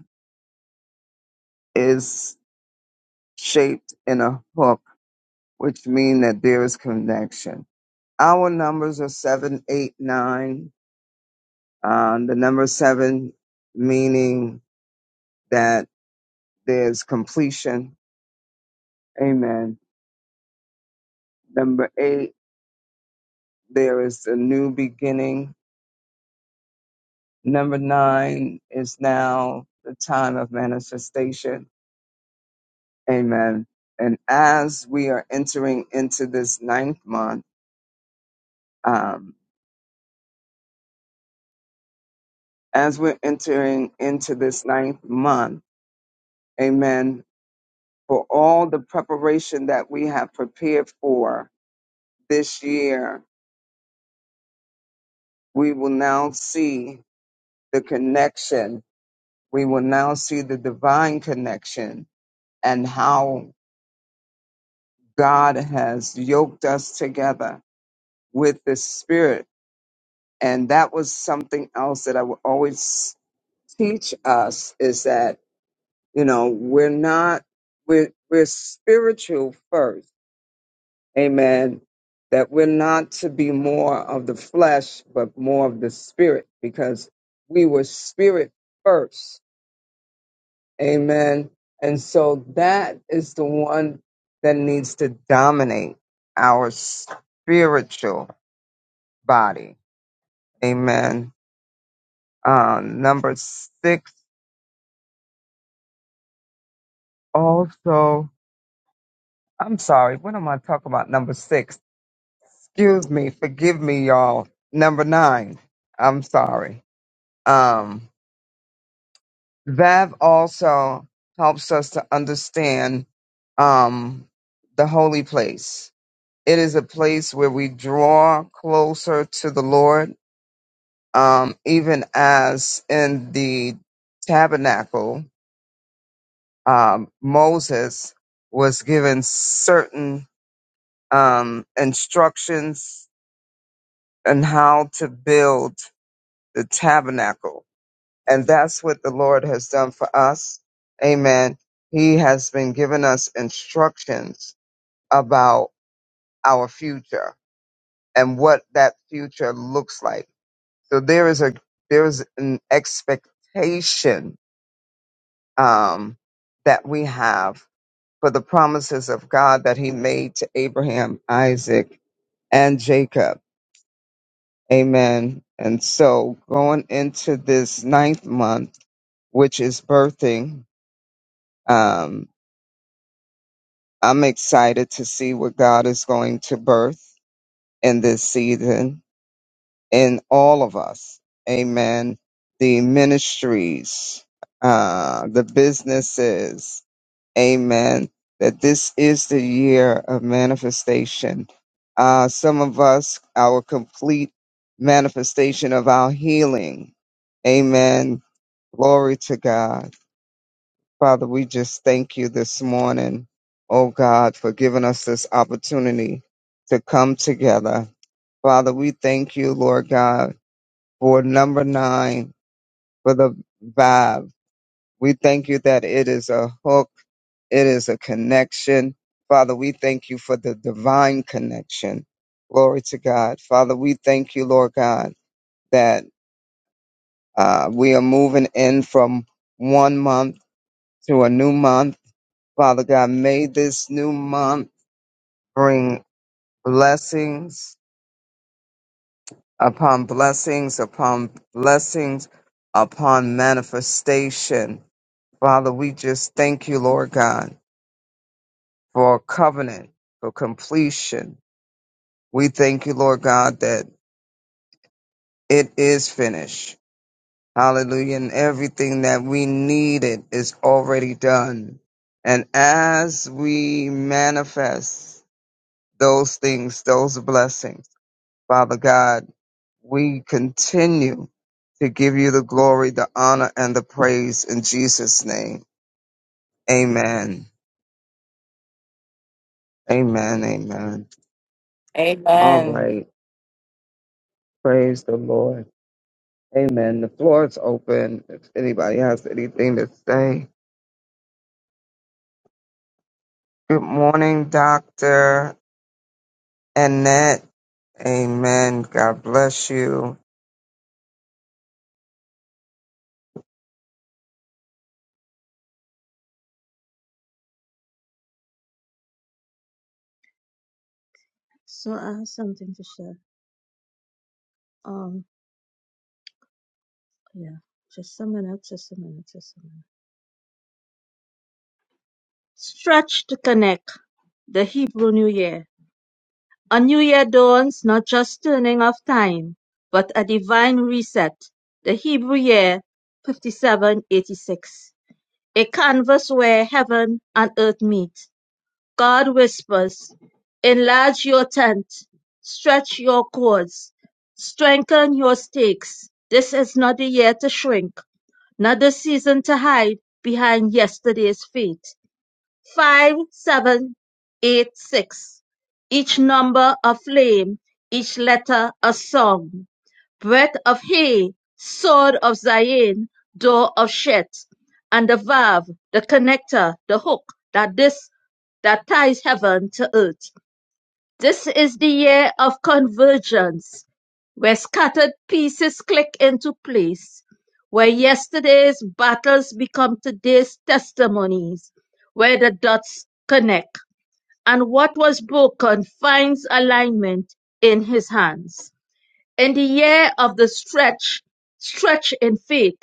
B: is shaped in a hook, which means that there is connection. Our numbers are seven, eight, nine. Um, the number seven meaning that there's completion. Amen. Number eight, there is a new beginning. Number nine is now the time of manifestation. Amen. And as we are entering into this ninth month, um, as we're entering into this ninth month, amen, for all the preparation that we have prepared for this year, we will now see the connection. We will now see the divine connection and how God has yoked us together with the Spirit. And that was something else that I would always teach us is that, you know, we're not, we're, we're spiritual first Amen. That we're not to be more of the flesh, but more of the spirit, because we were spirit first. Amen. And so that is the one that needs to dominate our spiritual body. Amen. Uh, number six also. I'm sorry. What am I talking about? Number six. Excuse me. Forgive me, y'all. Number nine. I'm sorry. Um, Vav also helps us to understand um, the holy place. It is a place where we draw closer to the Lord, um, even as in the tabernacle, um, Moses was given certain um, instructions on how to build the tabernacle And that's what the Lord has done for us. Amen. He has been giving us instructions about our future and what that future looks like. So there is a there is an expectation um, that we have for the promises of God that He made to Abraham, Isaac, and Jacob. Amen. And so going into this ninth month, which is birthing, um. I'm excited to see what God is going to birth in this season in all of us. Amen. The ministries, uh, the businesses. Amen. That this is the year of manifestation. Uh, some of us, our complete manifestation of our healing. Amen. Glory to God. Father, we just thank you this morning, oh God, for giving us this opportunity to come together. Father, we thank you, Lord God, for number nine, for the vibe. We thank you that it is a hook, it is a connection. Father, we thank you for the divine connection. Glory to God. Father, we thank you, Lord God, that uh, we are moving in from one month to a new month. Father God, may this new month bring blessings upon blessings upon blessings upon manifestation. Father, we just thank you, Lord God, for covenant, for completion. We thank you, Lord God, that it is finished. Hallelujah. And everything that we needed is already done. And as we manifest those things, those blessings, Father God, we continue to give you the glory, the honor, and the praise in Jesus' name. Amen. Amen. Amen. All
A: Amen.
B: right. Praise the Lord. Amen. The floor is open if anybody has anything to say. Good morning, Dr. Annette. Amen. God bless you.
E: So I have something to share. Um, yeah, just a minute, just a minute, just a minute. Stretch to connect the Hebrew New Year. A new year dawns not just turning of time, but a divine reset. The Hebrew year 5786. A canvas where heaven and earth meet. God whispers, enlarge your tent, stretch your cords, strengthen your stakes. This is not the year to shrink Not the season to hide behind yesterday's fate. Five, seven, eight, six. Each number a flame, each letter a song. Breath of hay, sword of Zion, door of Shet, and the valve, the connector, the hook that this that ties heaven to earth. This is the year of convergence, where scattered pieces click into place, where yesterday's battles become today's testimonies, where the dots connect, and what was broken finds alignment in his hands. In the year of the stretch, stretch in faith.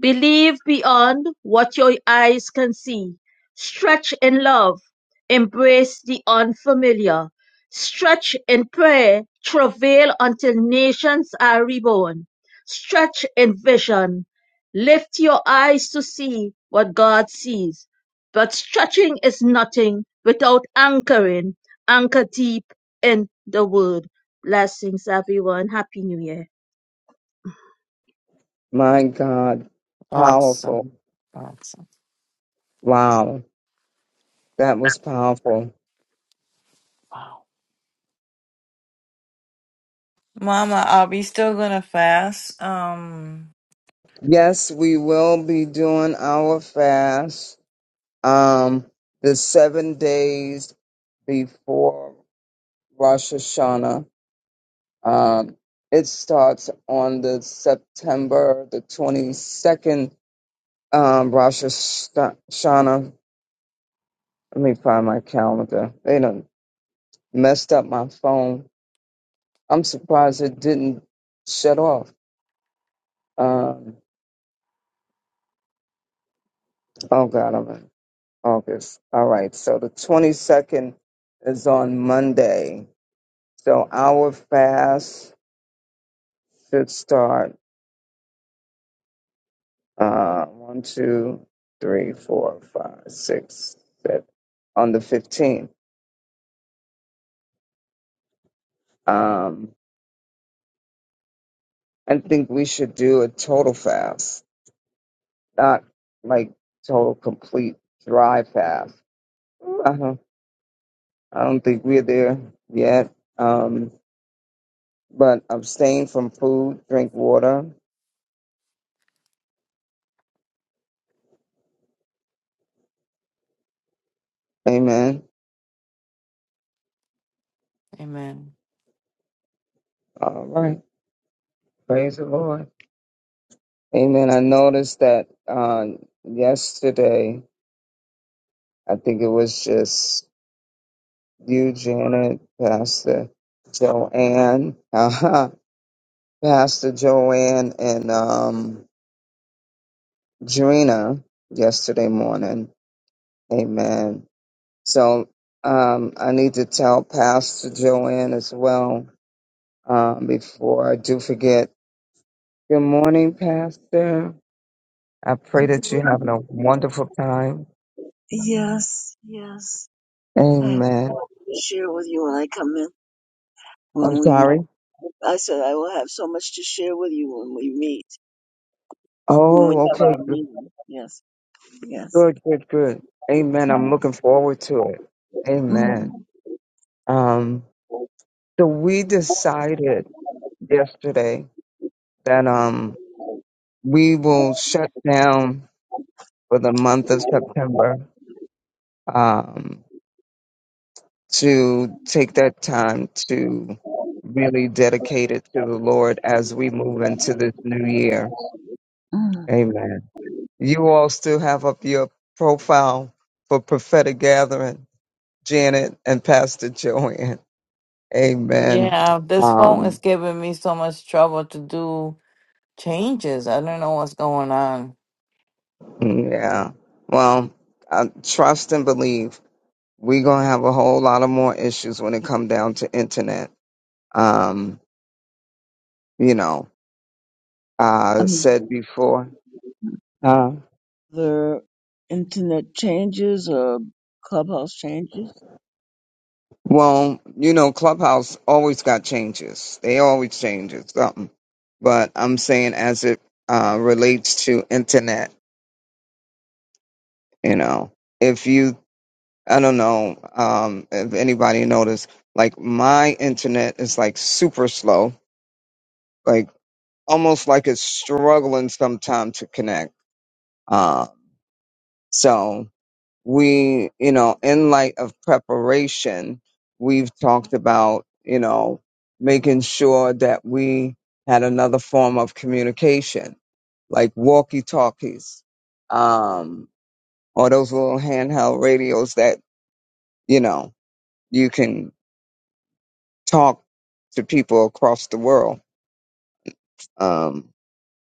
E: Believe beyond what your eyes can see. Stretch in love. Embrace the unfamiliar. Stretch in prayer. Travail until nations are reborn. Stretch in vision. Lift your eyes to see what God sees. But stretching is nothing without anchoring. Anchor deep in the word. Blessings, everyone. Happy New Year.
B: My God,
A: Awesome.
B: powerful.
A: awesome.
B: Wow, that was powerful.
A: Mama, are we still gonna fast? Um,
B: Yes, we will be doing our fast um the seven days before Rosh Hashanah. Um it starts on the September the twenty second um Rosh Hashanah. Let me find my calendar. They done messed up my phone. I'm surprised it didn't shut off. Um oh god, August. All right. So the 22nd is on Monday. So our fast should start uh, one, two, three, four, five, six, seven, on the 15th. Um, I think we should do a total fast, not like total complete dry fast. I don't, I don't think we're there yet. Um, but abstain from food, drink water. Amen.
A: Amen.
B: All right. Praise the Lord. Amen. I noticed that um, yesterday, I think it was just you, Janet, Pastor Joanne, uh Pastor Joanne, and um, Drina yesterday morning. Amen. So um, I need to tell Pastor Joanne as well um, before I do forget. Good morning, Pastor. I pray that you're having a wonderful time.
F: Yes, yes. I have
B: Amen.
F: so much to share with you when I come in,
B: I'm
F: when we meet.
B: sorry.
F: I said I will have so much to share with you when we meet, when we
B: Oh,
F: have
B: okay.
F: our
B: Good,
F: meeting. Yes, yes.
B: good, good. good. Amen. I'm
F: Mm,
B: looking forward to it. Amen.
F: mm,
B: Um, so we decided yesterday that um we will shut down for the month of September um to take that time to really dedicate it to the Lord as we move into this new year.
F: mm.
B: Amen. You all still have up your profile for prophetic gathering. Janet and Pastor Joanne. Amen.
A: Yeah, this phone is
B: Um,
A: giving me so much trouble to do changes. I don't know what's going on.
B: yeah. Well, I trust and believe we're gonna have a whole lot of more issues when it come down to internet. Um, you know, I said before. Uh,
F: The internet changes or clubhouse changes?
B: well, you know, Clubhouse always got changes. They always changes something. But I'm saying as it uh, relates to internet, you know, if you I don't know um, if anybody noticed. Like my internet is like super slow, like almost like it's struggling sometimes to connect. Uh, so we, you know, in light of preparation, we've talked about, you know, making sure that we had another form of communication, like walkie talkies, um, or those little handheld radios that, you know, you can talk to people across the world, um,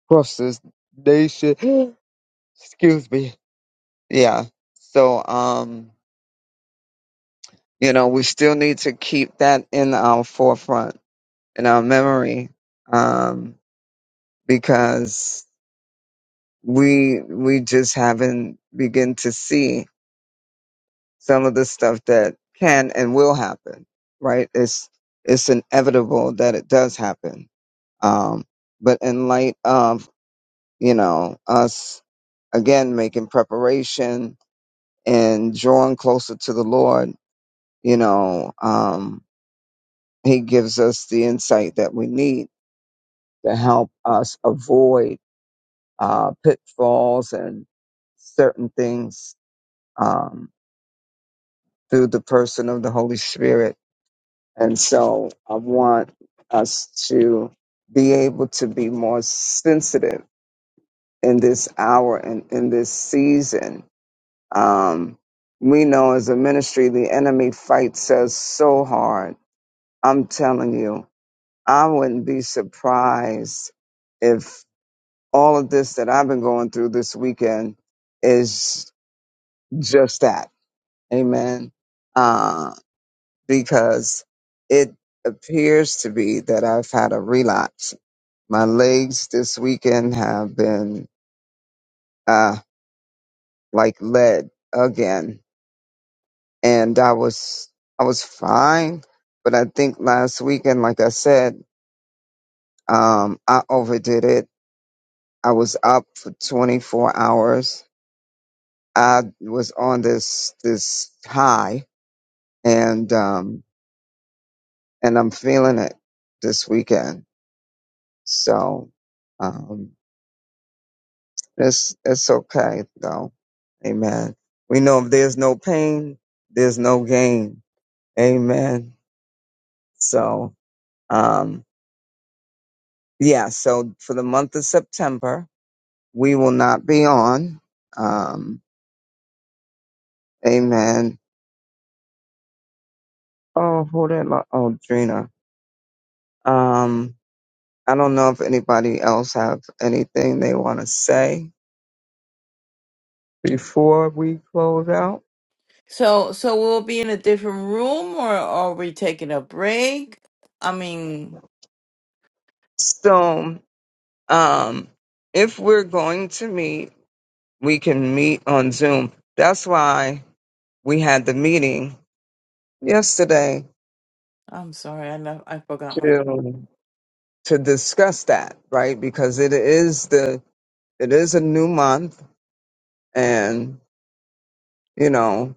B: across this nation. Excuse me. Yeah. So, um, you know, we still need to keep that in our forefront, in our memory, um, because we we just haven't begin to see some of the stuff that can and will happen. Right? It's it's inevitable that it does happen. Um, but in light of you know, us again making preparation and drawing closer to the Lord, you know, um, He gives us the insight that we need to help us avoid uh, pitfalls and certain things um, through the person of the Holy Spirit. And so I want us to be able to be more sensitive in this hour and in this season Um, we know as a ministry, the enemy fights us so hard. I'm telling you, I wouldn't be surprised if all of this that I've been going through this weekend is just that. Amen. Uh, because it appears to be that I've had a relapse. My legs this weekend have been uh, like lead again and I was I was fine, but I think last weekend, like I said, um, I overdid it. I was up for 24 hours. I was on this this high, and um, and I'm feeling it this weekend. So um, it's it's okay though. Amen. We know if there's no pain, there's no gain. Amen. So um, yeah, so for the month of September, we will not be on. Um, amen. Oh, hold it. lo- Oh, Drina. Um, I don't know if anybody else have anything they want to say before we close out.
A: So, so we'll be in a different room, or are we taking a break? I mean,
B: So, um, if we're going to meet, we can meet on Zoom. That's why we had the meeting yesterday
A: I'm sorry, I left, I forgot my
B: to
A: phone.
B: to discuss that, right? Because it is the It is a new month, and you know,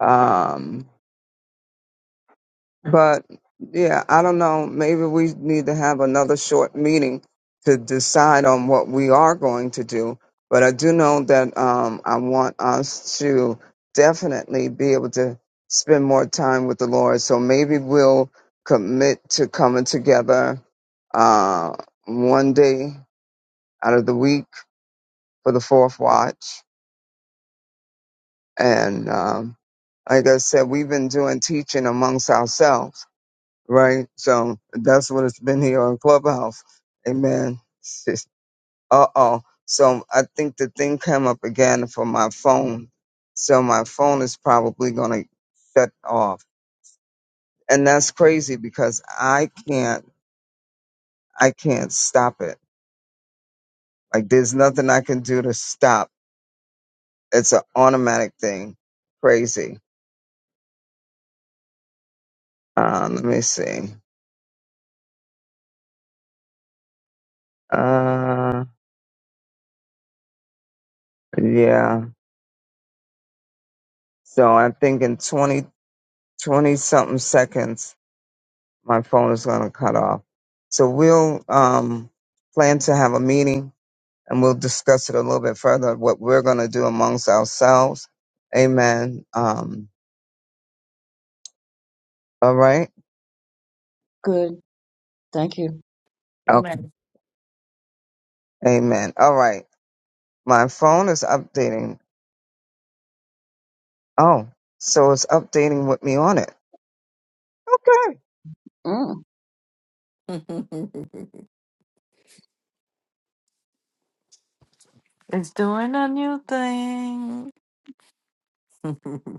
B: um, but yeah, I don't know. Maybe we need to have another short meeting to decide on what we are going to do. But I do know that um, I want us to definitely be able to spend more time with the Lord. So maybe we'll commit to coming together uh, one day out of the week for the fourth watch And um, like I said, we've been doing teaching amongst ourselves, right? So that's what it's been here on Clubhouse. Amen. Uh oh. So I think the thing came up again for my phone. So my phone is probably gonna shut off. And that's crazy because I can't I can't stop it. Like there's nothing I can do to stop. It's an automatic thing. Crazy. Uh, let me see. Uh yeah. So I think in 20 20 something seconds, my phone is going to cut off. So we'll um, plan to have a meeting and we'll discuss it a little bit further, what we're going to do amongst ourselves. Amen. Um, all right.
F: Good, thank you.
B: Okay.
A: Amen.
B: Amen. All right. My phone is updating. Oh, so it's updating with me on it. Okay.
F: Mm.
A: it's doing a new thing.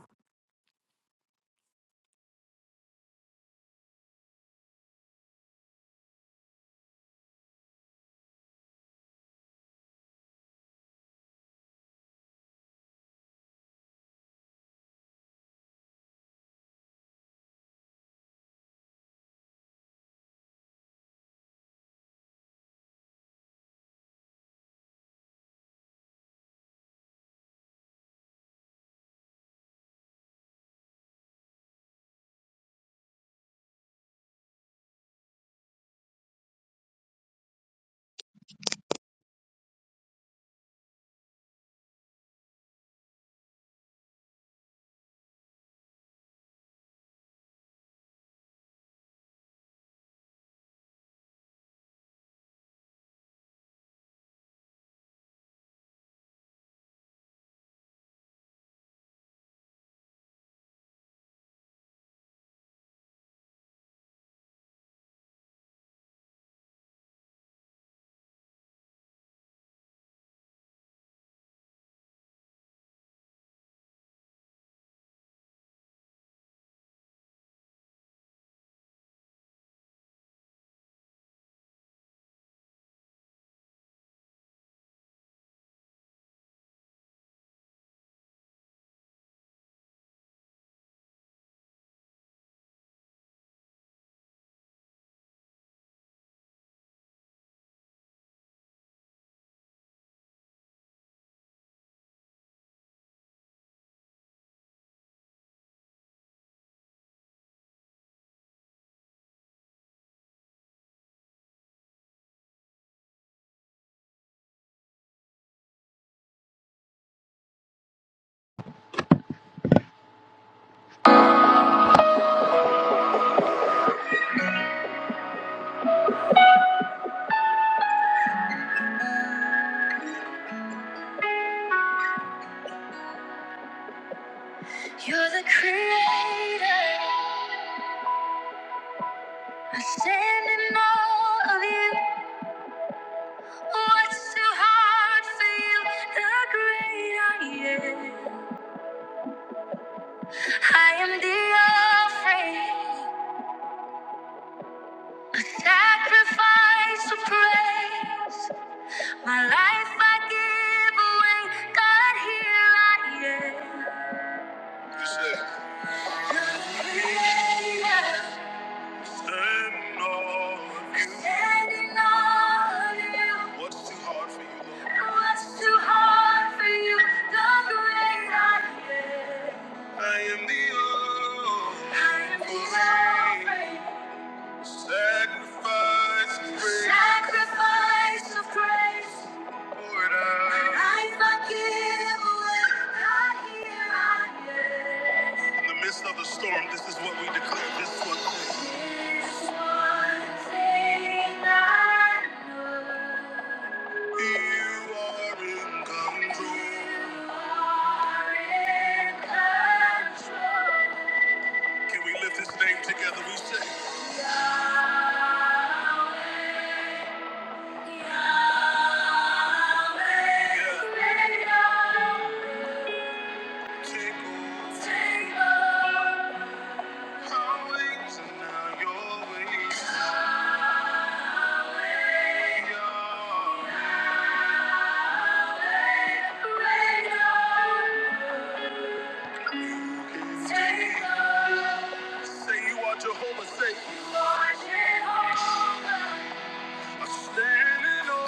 C: the creator. I stand in awe of you. What's too hard for you? The great I am. I am the offering, a sacrifice of praise. My life I give away. God, here I am. The creator. Standing on you. Standing on you. What's too hard for you, Lord? What's too hard for you? The great I am. I am the offering. I am the offering. Sacrifice of praise. Sacrifice of praise. Poured out. When I forgive away, God, here I am. In the midst of the storm, this is what we declare. This one thing. This one thing I know. You are in control. You are in control. Can we lift his name together? We say, Yahweh, Yahweh, yeah. Yahweh, Take over. Take over. Our ways and now your ways. Yeah. Say you are Jehovah, say you are Jehovah. I'm standing on.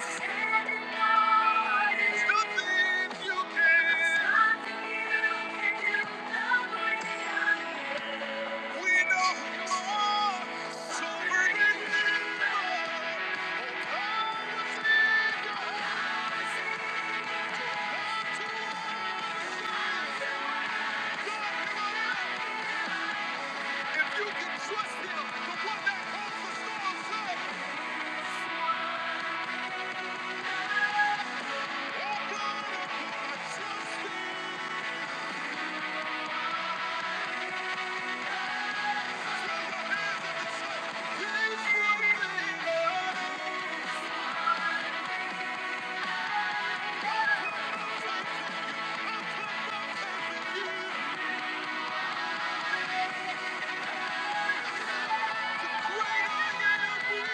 C: Standing on. There's nothing you can. you can do. Nobody can. We know you are sovereign. You can trust him, the one that calls the storm said, Oh oh trust him. Throw your hands up and say, He's willing. I'll you. I'll put my faith Whatever you wanna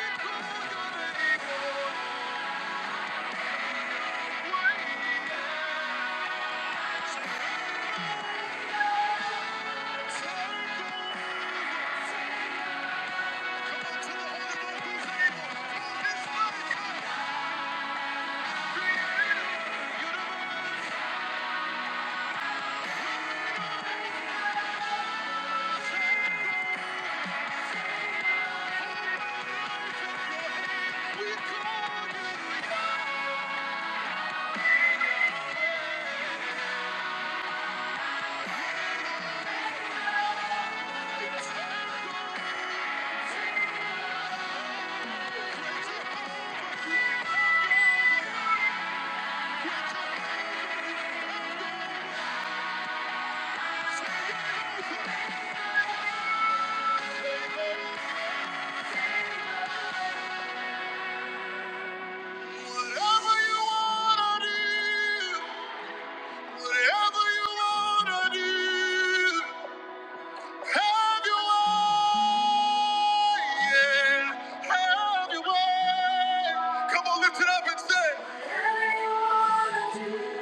C: do, whatever you wanna do. Have your way, yeah. Have your way. Come on, lift it up and say, have your way.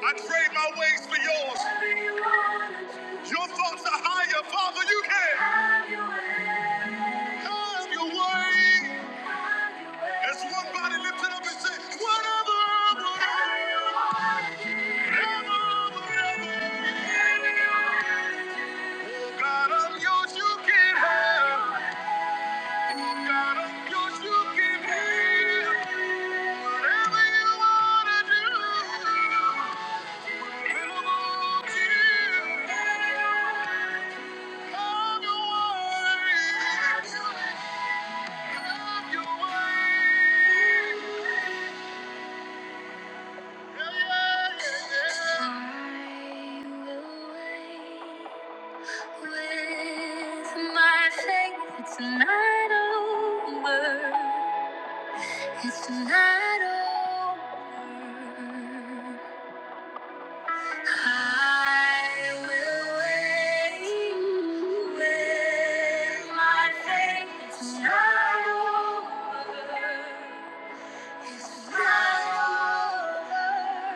C: I trade my ways for yours. Your thoughts are higher, Father. You can have your way. As one body lifted up and say, whatever, whatever, whatever. Oh God, I'm yours. You can have. Yeah, yeah, yeah. I will wait with my faith. It's not over. It's not over. I will wait with my faith. It's not over. It's not over.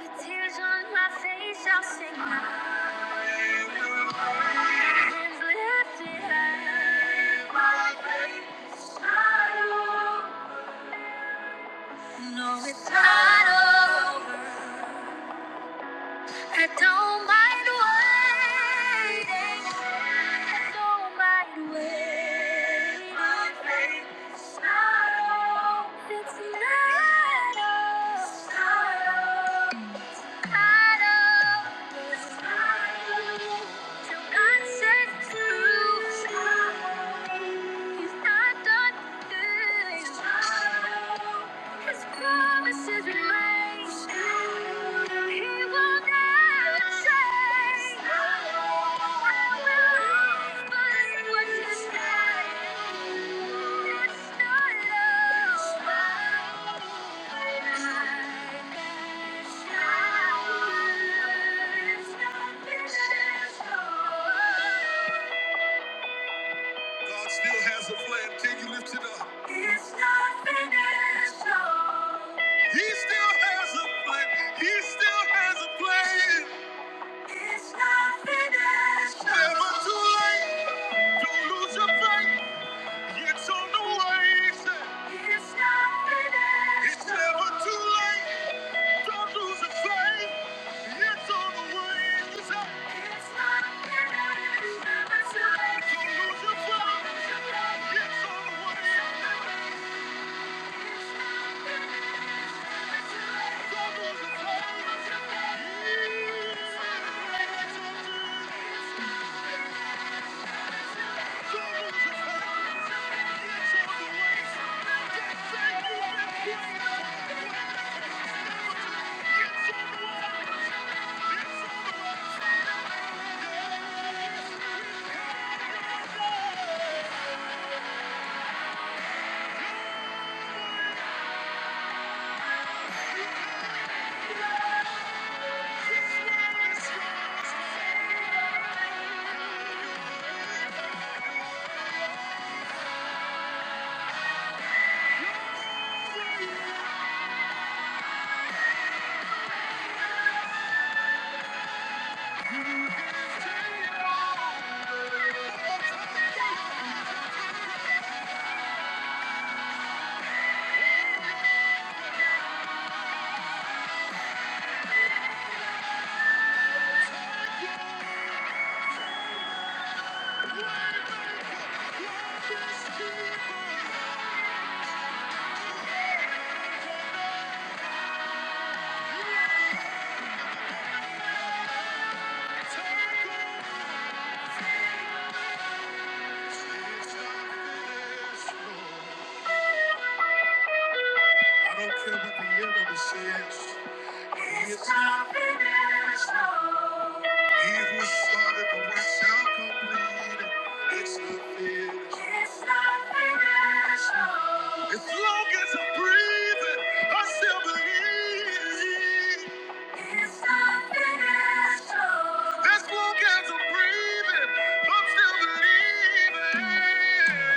C: With tears on my face, I'll sing. I will wait. Hands lifted high. My faith. It's not over. No, it's not over. I don't mind waiting. I don't mind waiting. My faith is not over. It's not over. It's not over. Promises remain. He will never change. God still has a plan. Can you lift it up? It's not finished. oh. He still has a plan. He still has a plan. It's not finished. Never too late. Don't lose your faith. It's on the way. It's not finished. It's never too late. Don't lose your faith. It's on the way. It's not finished. Never too late. Don't lose your faith. It's on the way. Yeah. I don't care what the enemy says. It's time to finish strong. He who started the work shall complete it. It's not finished. It's not finished. strong. As long as I'm breathing, I still believe. Let's walk as I'm breathing. I'm still believing.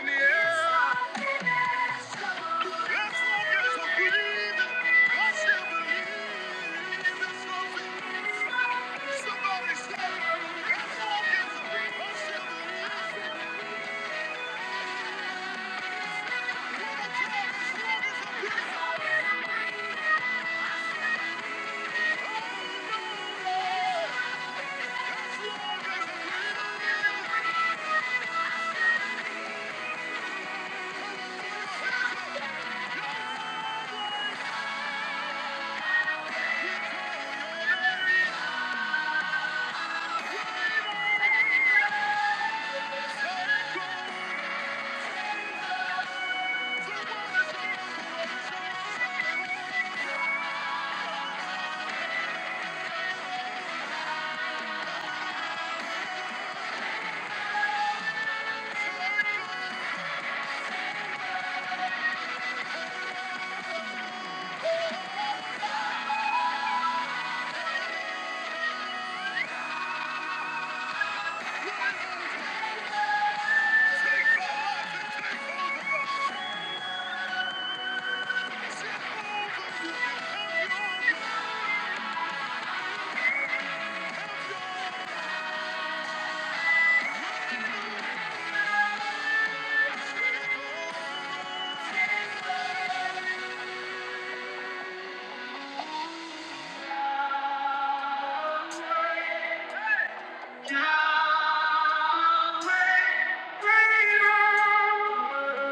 C: Yeah. Let's walk as I'm breathing. I'm still believing. Let's walk as- Somebody say, let's walk as I'm breathing. I'm still believing. Let's walk as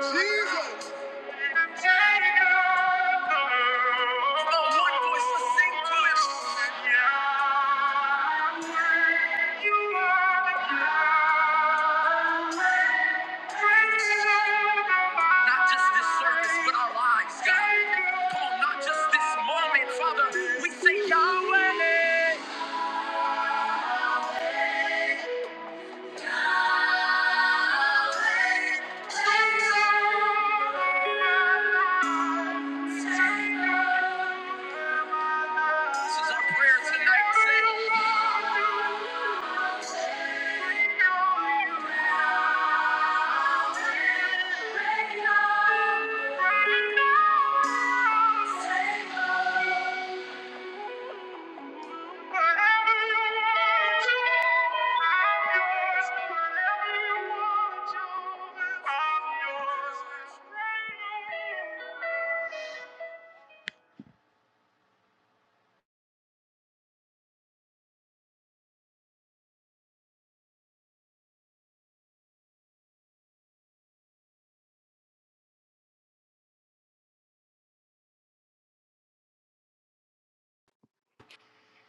C: Jesus! Not just this service, but our lives, God. Come on, not just this moment, Father. We say, God. This is our prayer tonight. Say.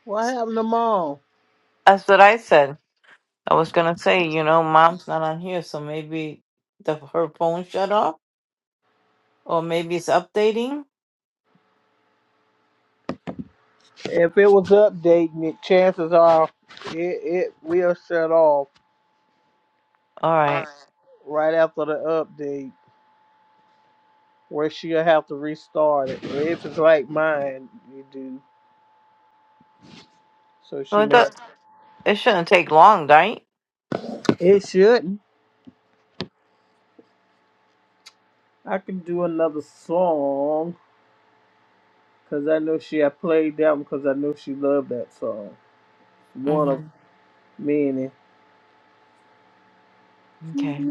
C: What happened to mom?
A: That's what I said. I was gonna say, you know, mom's not on here, so maybe the her phone shut off, or maybe it's updating.
C: If it was updating it, chances are it, it will shut off
A: All right.
C: right after the update where she'll have to restart it. If it's like mine, you do. So
A: So
C: she
A: it
C: may.
A: does. It shouldn't take long, right?
C: It shouldn't. I can do another song because I know she. I played that one because I know she loved that song. One of
A: hmm
C: many.
A: Okay.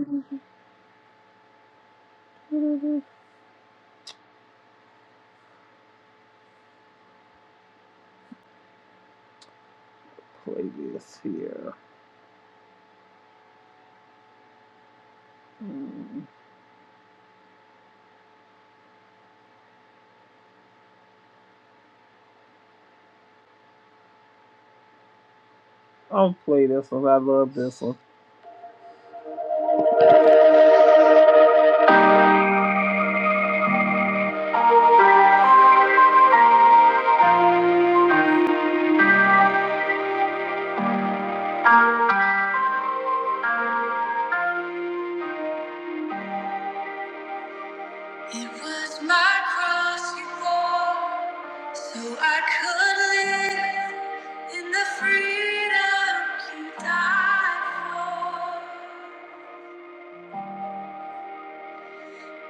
C: Play this here. Mm. I'll play this one. I love this one. It was my cross you bore, so I could live in the freedom you died for.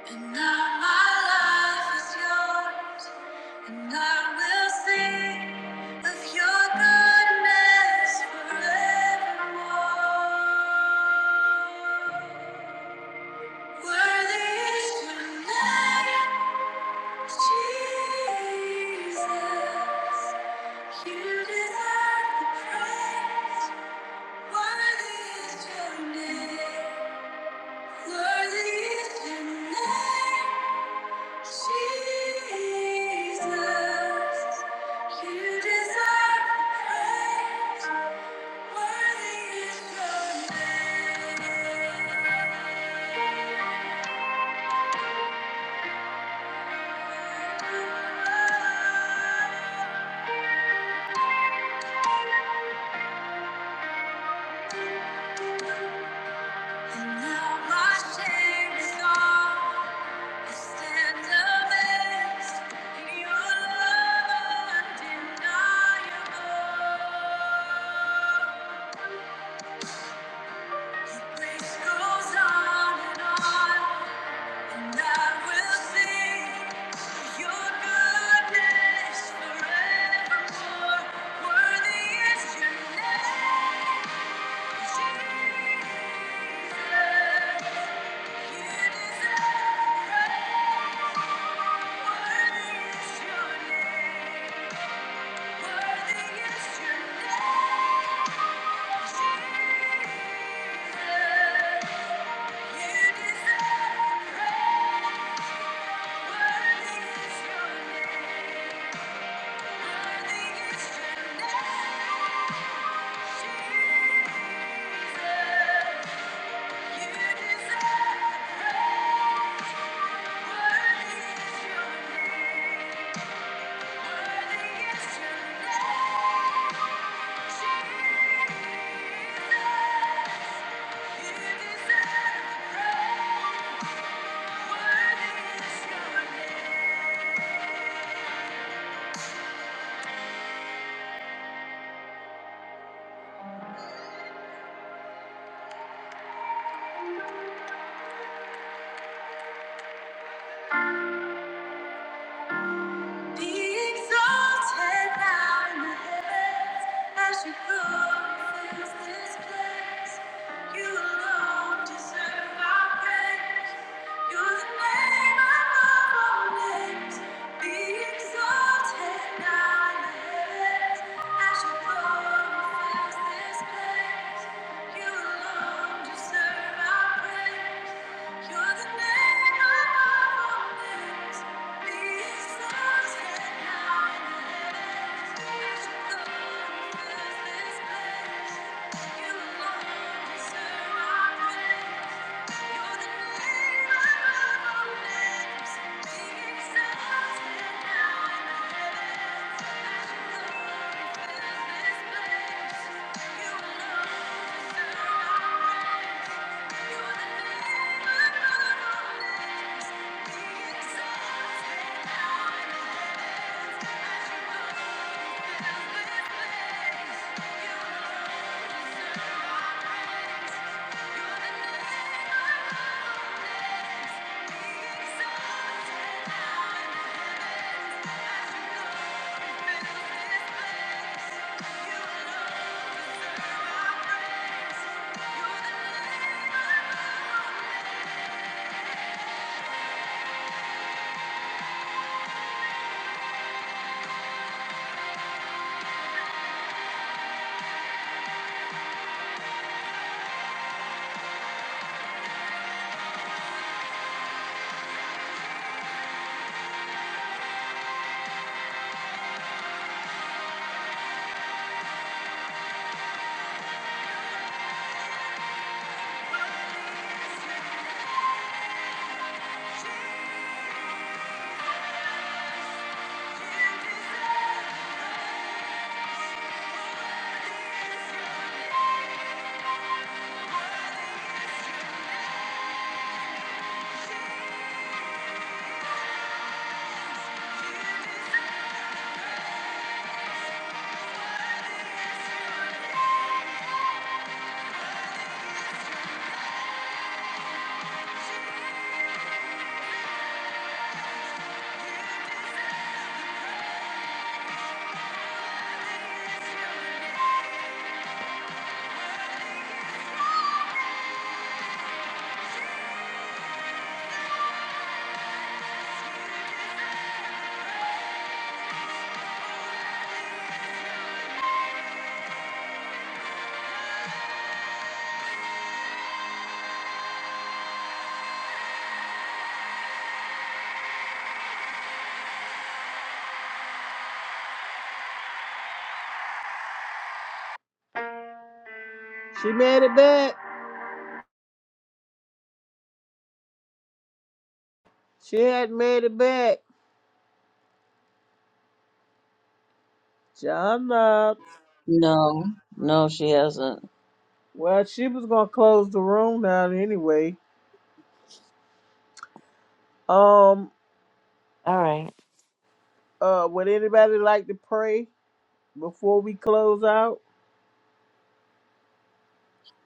C: And now my life is yours, and I will sing of your goodness forevermore. Worthy is your name, Jesus. You deserve the praise. Worthy is your name. Worthy is your name. Jesus, you deserve praise. Worthy is your name. And now my shame is gone. I stand amazed in your love undeniable. This goes on and on, and I will sing your goodness forevermore. Worthy is your name, Jesus. Jesus, you deserve praise. Be exalted now in the heavens as your glory fills this place. You alone deserve our praise. You're the name above all names. Be exalted now in the heavens as your glory Thank you Thank you she made it back. She had made it back. John Knobs.
F: No, no, she hasn't.
C: Well, she was gonna close the room down anyway. Um,
A: All right.
C: uh, would anybody like to pray before we close out?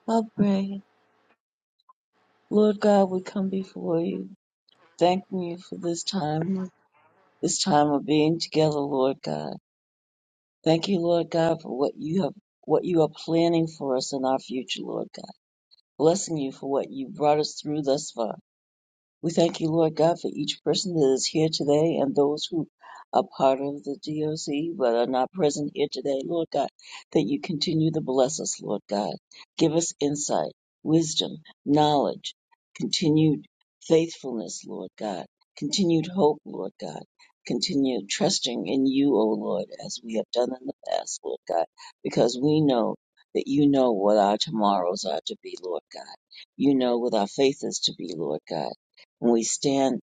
F: I'll pray. Lord God, we come before you, thanking you for this time, this time of being together, Lord God. Thank you, Lord God, for what you have, what you are planning for us in our future, Lord God. Blessing you for what you brought us through thus far. We thank you, Lord God, for each person that is here today and those who are part of the DOC but are not present here today, Lord God, that you continue to bless us, Lord God. Give us insight, wisdom, knowledge, continued faithfulness, Lord God, continued hope, Lord God. Continue trusting in you, O Lord, as we have done in the past, Lord God, because we know that you know what our tomorrows are to be, Lord God. You know what our faith is to be, Lord God and we stand,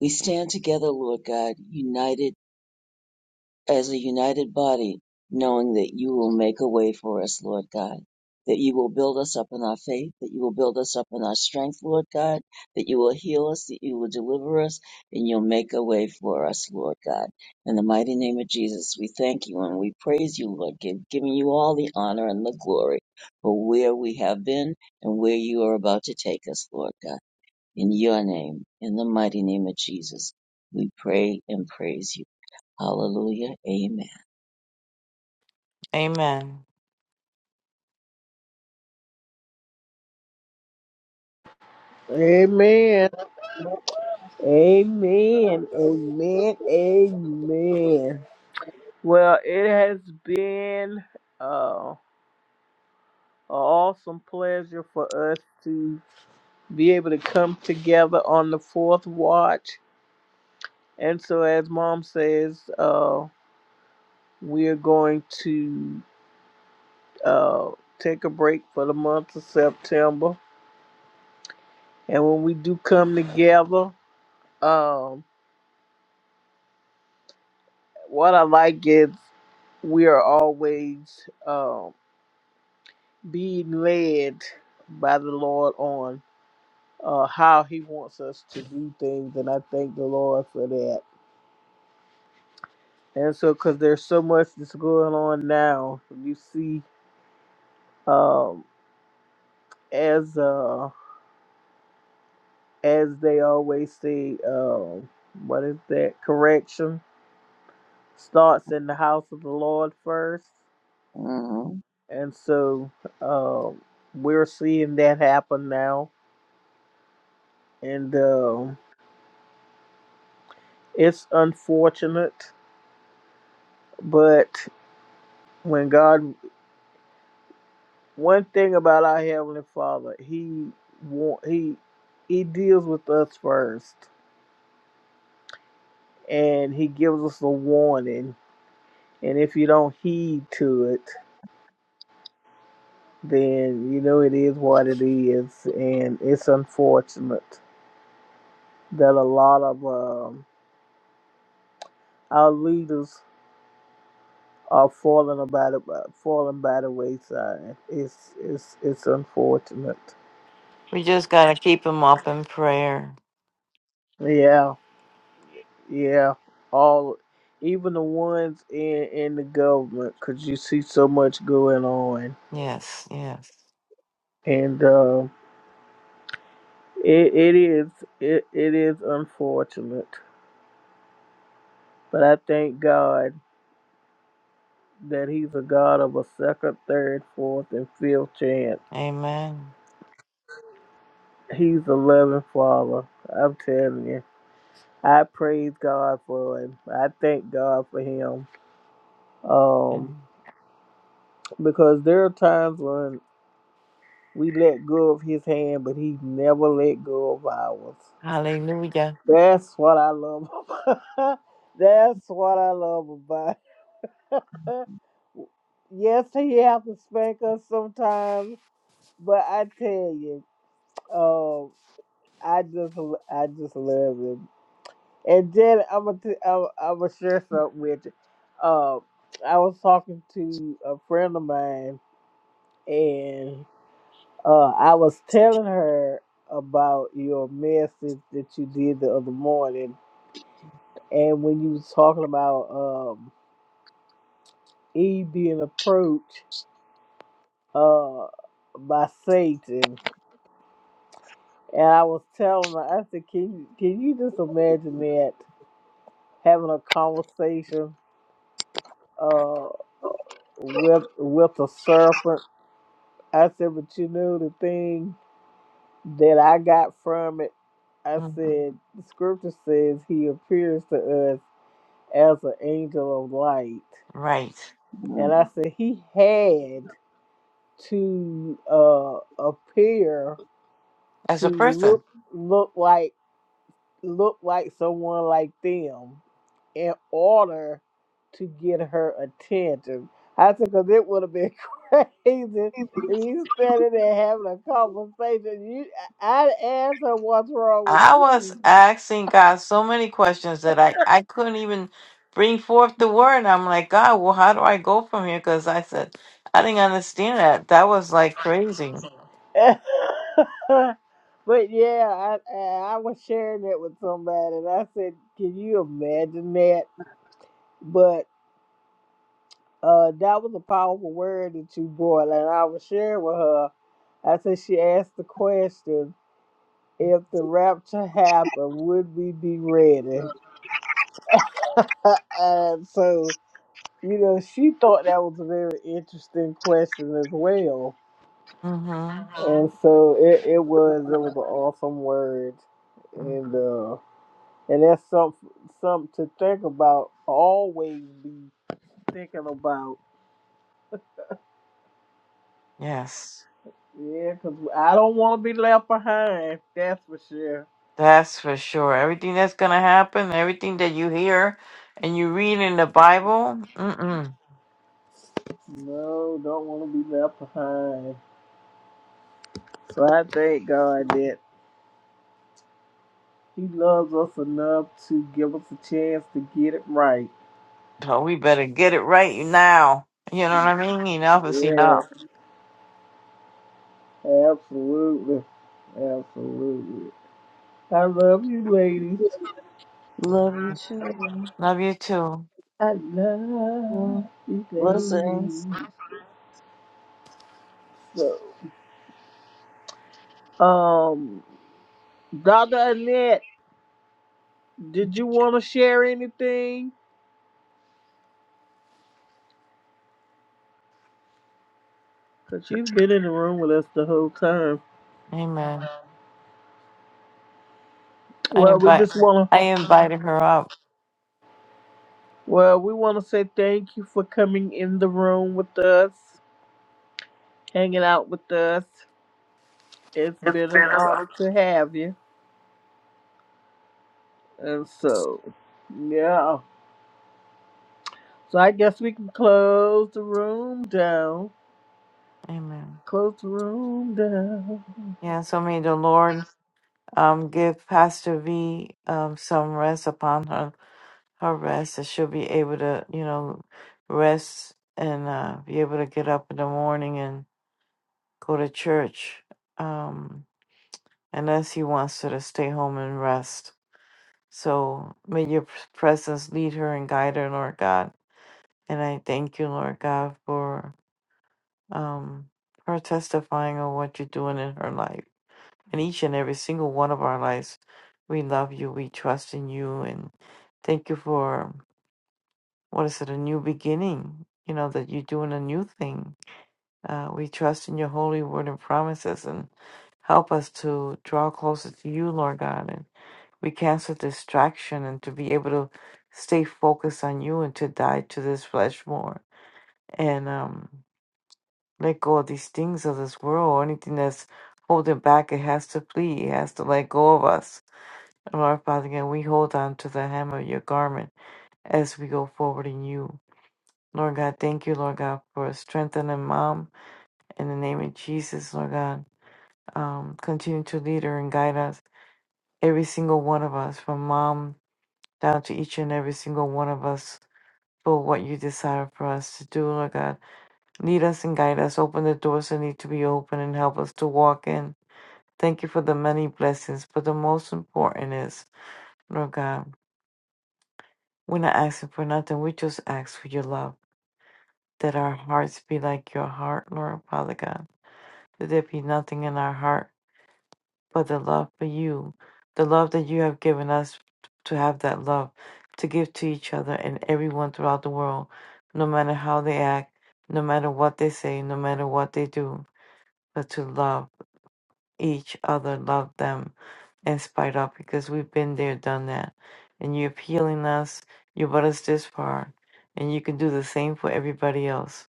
F: we stand together, Lord God, united as a united body, knowing that you will make a way for us, Lord God. That you will build us up in our faith, that you will build us up in our strength, Lord God, that you will heal us, that you will deliver us, and you'll make a way for us, Lord God. In the mighty name of Jesus, we thank you and we praise you, Lord, give, giving you all the honor and the glory for where we have been and where you are about to take us, Lord God. In your name, in the mighty name of Jesus, we pray and praise you. Hallelujah. Amen.
A: Amen.
C: Amen. Amen. Amen. Amen. Well, it has been uh, an awesome pleasure for us to be able to come together on the fourth watch. And so, as mom says, uh, we are going to uh, take a break for the month of September. And when we do come together, um, what I like is we are always. um, being led by the Lord on uh, how He wants us to do things, and I thank the Lord for that. And so, because there's so much that's going on now, you see, um, as uh, as they always say, um, what is that? Correction starts in the house of the Lord first,
F: Mhm.
C: and so um, we're seeing that happen now, and um, it's unfortunate, but. when God, one thing about our heavenly Father, He want He He deals with us first, and He gives us a warning. And if you don't heed to it, then you know it is what it is, and it's unfortunate that a lot of um, our leaders are falling about it, falling by the wayside. It's it's it's unfortunate.
A: We just got to keep him up in prayer.
C: Yeah. Yeah, all even the ones in in the government, 'cause you see so much going on,
A: Yes. Yes.
C: and uh, it it is it, it is unfortunate, but I thank God that He's a God of a second, third, fourth, and fifth chance.
A: Amen.
C: He's a loving Father. I'm telling you. I praise God for him. I thank God for him. Um,
A: And
C: because there are times when. We let go of his hand, but he never let go of ours.
A: hallelujah.
C: That's what I love about. That's what I love about. yes, he have to spank us sometimes, but I tell you, um, I just, I just love him. And then I'm gonna, t- I'm, I'm gonna share something with you. Um, I was talking to a friend of mine, and. Uh, I was telling her about your message that you did the other morning, and when you was talking about um, Eve being approached uh, by Satan, and I was telling her, I said, "Can you can you just imagine that having a conversation uh, with with a serpent?" I said, "But you know the thing that I got from it." I
A: Mhm.
C: said, the scripture says he appears to us as an angel of light.
A: Right.
C: And
F: Mhm.
C: I said he had to uh, appear
A: As
C: to
A: a person.
C: look look like look like someone like them in order to get her attention. I said, because it would have been crazy if you standing there having a conversation. You, I- I'd ask her what's wrong with
A: I was
C: you.
A: asking God so many questions that I, I couldn't even bring forth the word. And I'm like, God, well, how do I go from here? Because I said, I didn't understand that. That was like crazy.
C: but yeah, I I was sharing it with somebody, and I said, "Can you imagine that?" But uh, that was a powerful word that you brought, and I was sharing with her. I said she asked the question, "If the rapture happened, would we be ready?" and so you know, she thought that was a very interesting question as well,
A: hmm
C: and so it, it was it was an awesome word, and. uh. And that's something something to think about. Always be thinking about.
A: Yes,
C: yeah. Cause I don't want to be left behind. That's for sure.
A: that's for sure. Everything that's going to happen, everything that you hear and you read in the Bible, mm-mm.
C: No, don't want to be left behind. So I thank God that He loves us enough to give us a chance to get it right.
A: so we better get it right now. You know what I mean? Enough is
C: Yeah,
A: enough.
C: absolutely, absolutely. I love you, ladies.
F: Love you too.
A: Love you too.
C: I
F: Mhm.
C: love you,
F: Blessings.
C: ladies. So, um. Dr. Annette, did you want to share anything? Because she's been in the room with us the whole time.
A: Amen. I
C: Well, we
A: invite
C: just want to,
A: I invited her up.
C: well, we want to say thank you for coming in the room with us, hanging out with us. It's been an honor to have you. And so, yeah. So I guess we can close the room down.
A: Amen.
C: Close the room down.
A: Yeah, so may the Lord um give Pastor V um some rest upon her her rest that she'll be able to, you know, rest and uh be able to get up in the morning and go to church. Um unless he wants her to stay home and rest. So may your presence lead her and guide her, Lord God. And I thank you, Lord God, for um her testifying of what you're doing in her life. in each and every single one of our lives. We love you. We trust in you. And thank you for, what is it, a new beginning? You know, that you're doing a new thing. Uh, we trust in your holy word and promises and help us to draw closer to you, Lord God. And we cancel distraction and to be able to stay focused on you and to die to this flesh more. And um, let go of these things of this world or anything that's holding back. It has to flee. It has to let go of us Lord Father God, we hold on to the hem of your garment as we go forward in you. Lord God, thank you, Lord God, for strengthening mom in the name of Jesus, Lord God. Um, continue to lead her and guide us, every single one of us, from mom down to each and every single one of us, for what you desire for us to do, Lord God. Lead us and guide us. Open the doors that need to be open and help us to walk in. Thank you for the many blessings, but the most important is, Lord God. We're not asking for nothing. We just ask for your love. That our hearts be like your heart, Lord Father God. That there be nothing in our heart but the love for you. The love that you have given us to have that love to give to each other and everyone throughout the world, no matter how they act, no matter what they say, no matter what they do, but to love. each other, love them in spite of, because we've been there, done that. And you're healing us, you brought us this far, and you can do the same for everybody else.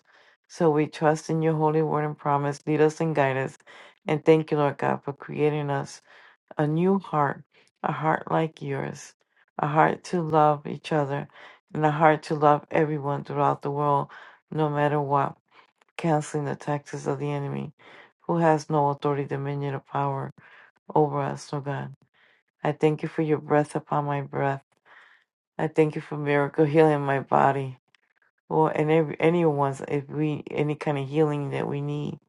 A: So we trust in your holy word and promise. Lead us and guide us. And thank you, Lord God, for creating us a new heart, a heart like yours, a heart to love each other, and a heart to love everyone throughout the world, no matter what, canceling the taxes of the enemy, who has no authority, dominion, or power over us, oh God. I thank you for your breath upon my breath. I thank you for miracle healing my body. Or and every anyone's if we any kind of healing that we need.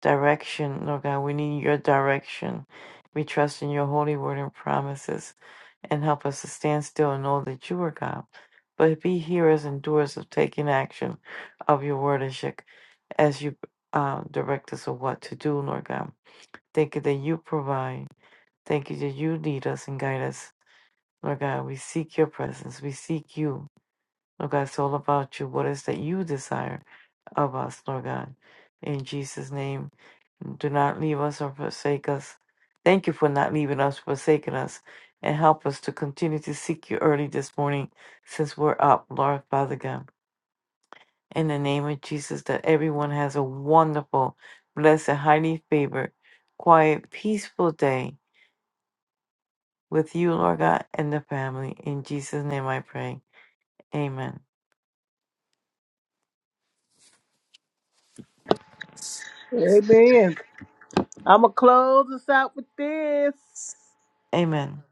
A: Direction, Lord God, we need your direction. We trust in your holy word and promises and help us to stand still and know that you are God. But be hearers and doers of taking action of your word as you, as you um, direct us of what to do, Lord God. Thank you that you provide. Thank you that you lead us and guide us Lord God, we seek your presence. We seek you. Lord God, it's all about you. What is that you desire of us, Lord God? In Jesus' name, do not leave us or forsake us. Thank you for not leaving us, forsaking us, and help us to continue to seek you early this morning since we're up, Lord Father God. In the name of Jesus, that everyone has a wonderful, blessed, highly favored, quiet, peaceful day with you, Lord God, and the family. In Jesus' name I pray. Amen.
C: Amen. I'm going to close this out with this.
A: Amen.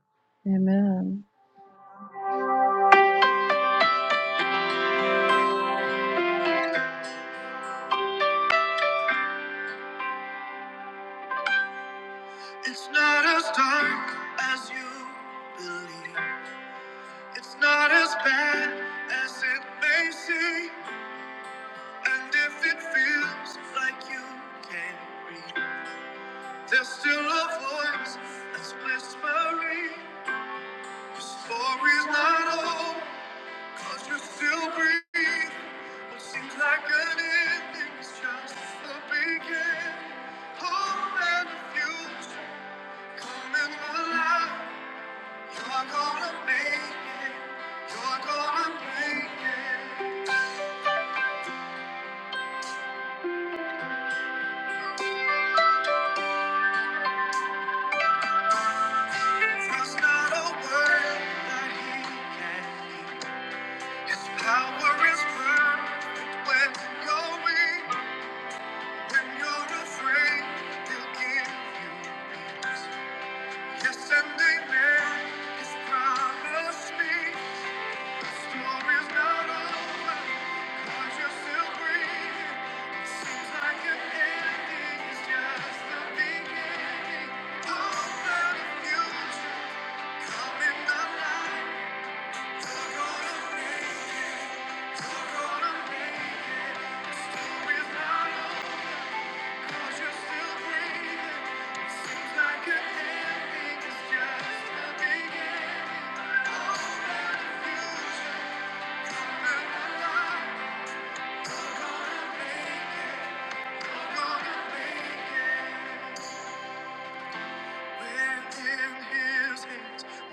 F: Amen.
C: It's not as dark as you believe. It's not as bad as it may seem. And if it feels like you can't read, there's still a voice that's whispering. Your story's not over, 'cause you still breathe. What seems like an ending is just the beginning. Hope and the future coming alive. You're gonna make it. You're gonna make it. There's not a word that he can keep. His power is perfect when you're weak. When you're afraid, he'll give you peace. Yes, and amen. His promise me. Story's not over, 'cause you're still breathing. It seems like an ending is just the beginning. All that future coming alive. You're gonna make, you're gonna make it. The story's not over, 'cause you're still breathing. It seems like an ending is just the beginning. All that future coming alive.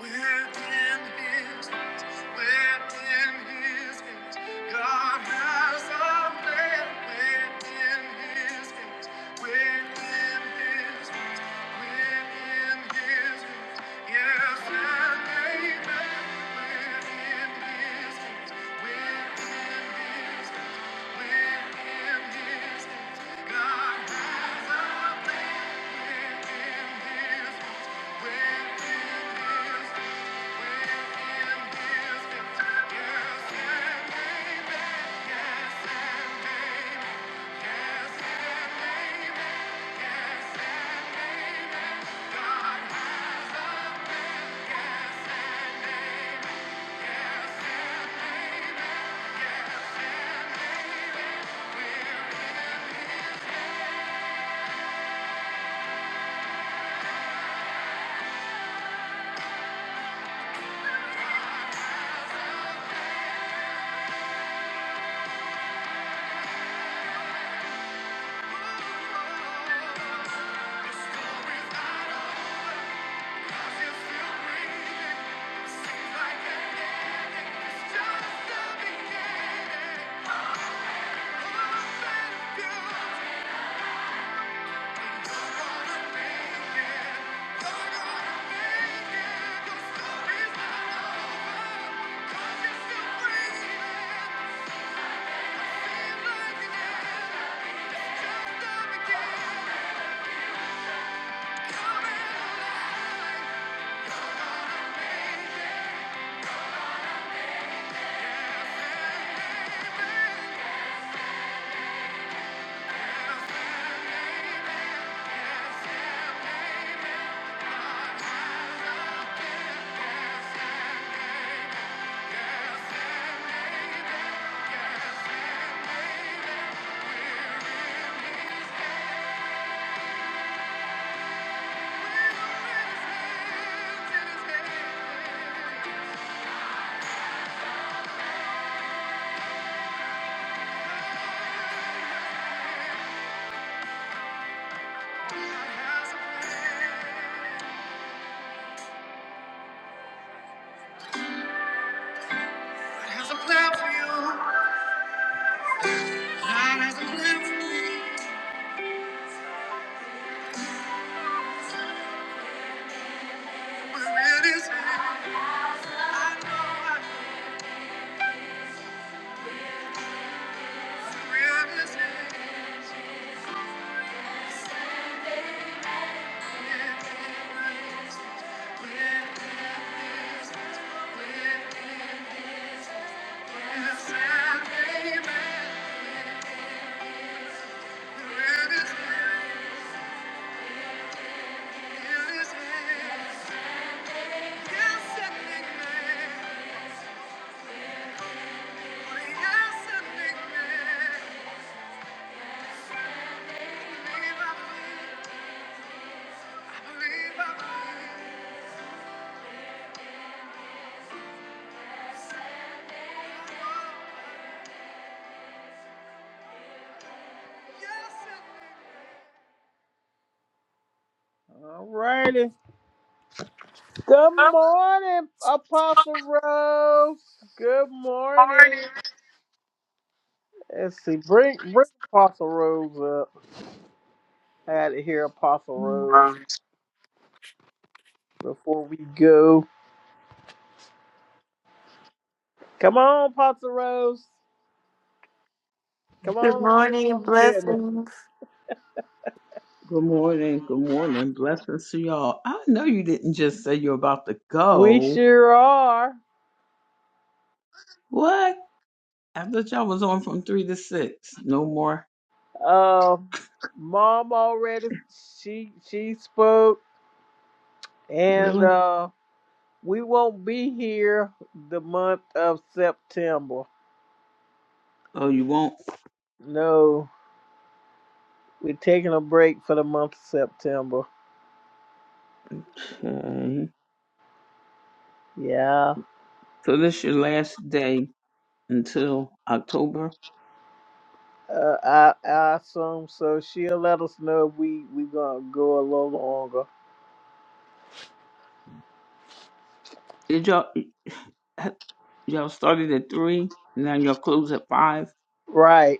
C: Within his hands. Has a plan for you. God has a plan for me. Where it is, I know I know where it is. Sally, man, where it is. All righty. Good
A: Good
C: morning, Apostle Rose. Good
A: morning.
C: morning. Let's see. Bring bring Apostle Rose up. I had to hear Apostle Rose before we go. Come on, Apostle Rose. Come
A: Good
C: on, say
A: morning.
C: something to me.
A: Blessings.
G: Good morning. Good morning. Blessings to y'all. I know you didn't just say you're about to
C: We
G: go.
C: sure are.
G: What? I thought y'all was on from three to six. No more.
C: Um, Mom already. She she spoke, and
G: Really?
C: uh, We won't be here the month of September.
G: Oh, you won't?
C: No, we're taking a break for the month of September.
G: Okay.
C: Yeah,
G: So this your last day until October.
C: uh, I I assume so. She'll let us know if we we gonna go a little longer.
G: Did y'all y'all started at three? Now y'all close at five?
C: Right.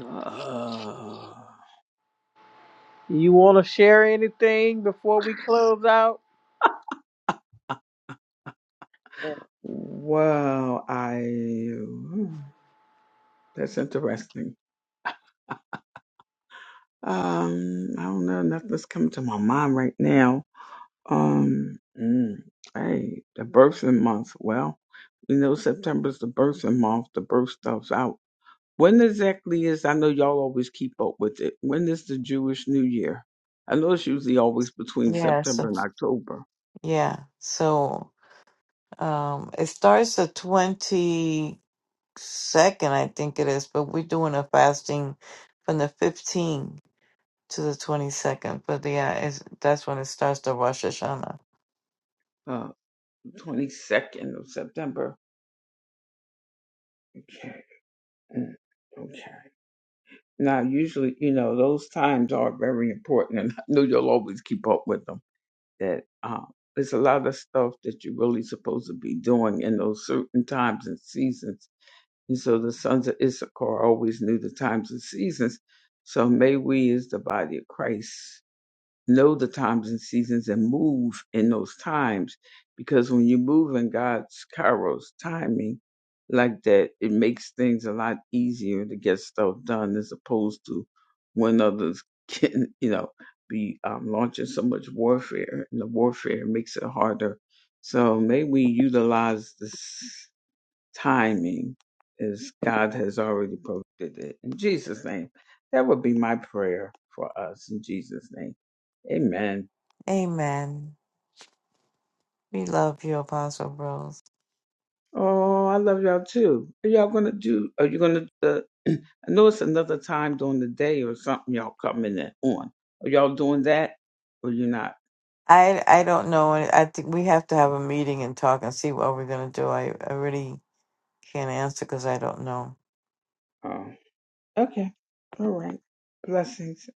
G: Uh,
C: You want to share anything before we close out? Yeah.
G: wow. I hmm, that's interesting. Um, I don't know. Nothing's coming to my mind right now. Um, mm, hey, the birthing month. Well, you know September's the birthing month. The birth stuff's out. When exactly is? I know y'all always keep up with it. When is the Jewish New Year? I know it's usually always between
A: Yes.
G: September and October.
A: yeah. So, um, it starts the 22nd, I think it is, but we're doing a fasting from the 15th to the 22nd. But yeah, it's, that's when it starts the Rosh Hashanah.
G: Uh. 22nd of September. Okay. Mm, Okay. Now, usually, you know, those times are very important, and I know you'll always keep up with them. That um, there's a lot of stuff that you're really supposed to be doing in those certain times and seasons. And so the sons of Issachar always knew the times and seasons. So may we, as the body of Christ, know the times and seasons and move in those times. Because when you move in God's kairos timing like that, it makes things a lot easier to get stuff done as opposed to when others can, you know, be um, launching so much warfare and the warfare makes it harder. So may we utilize this timing is God has already provided it. In Jesus' name, that would be my prayer for us in Jesus' name. Amen.
A: Amen. We love you, Apostle Rose.
G: Oh, I love y'all too. Are y'all gonna do? Are you gonna? Uh, I know it's another time during the day or something. Y'all coming in on? Are y'all doing that or you not?
A: I, I don't know. I I think we have to have a meeting and talk and see what we're going to do. I, I really can't answer because I don't know.
G: Oh, okay. All right. Blessings.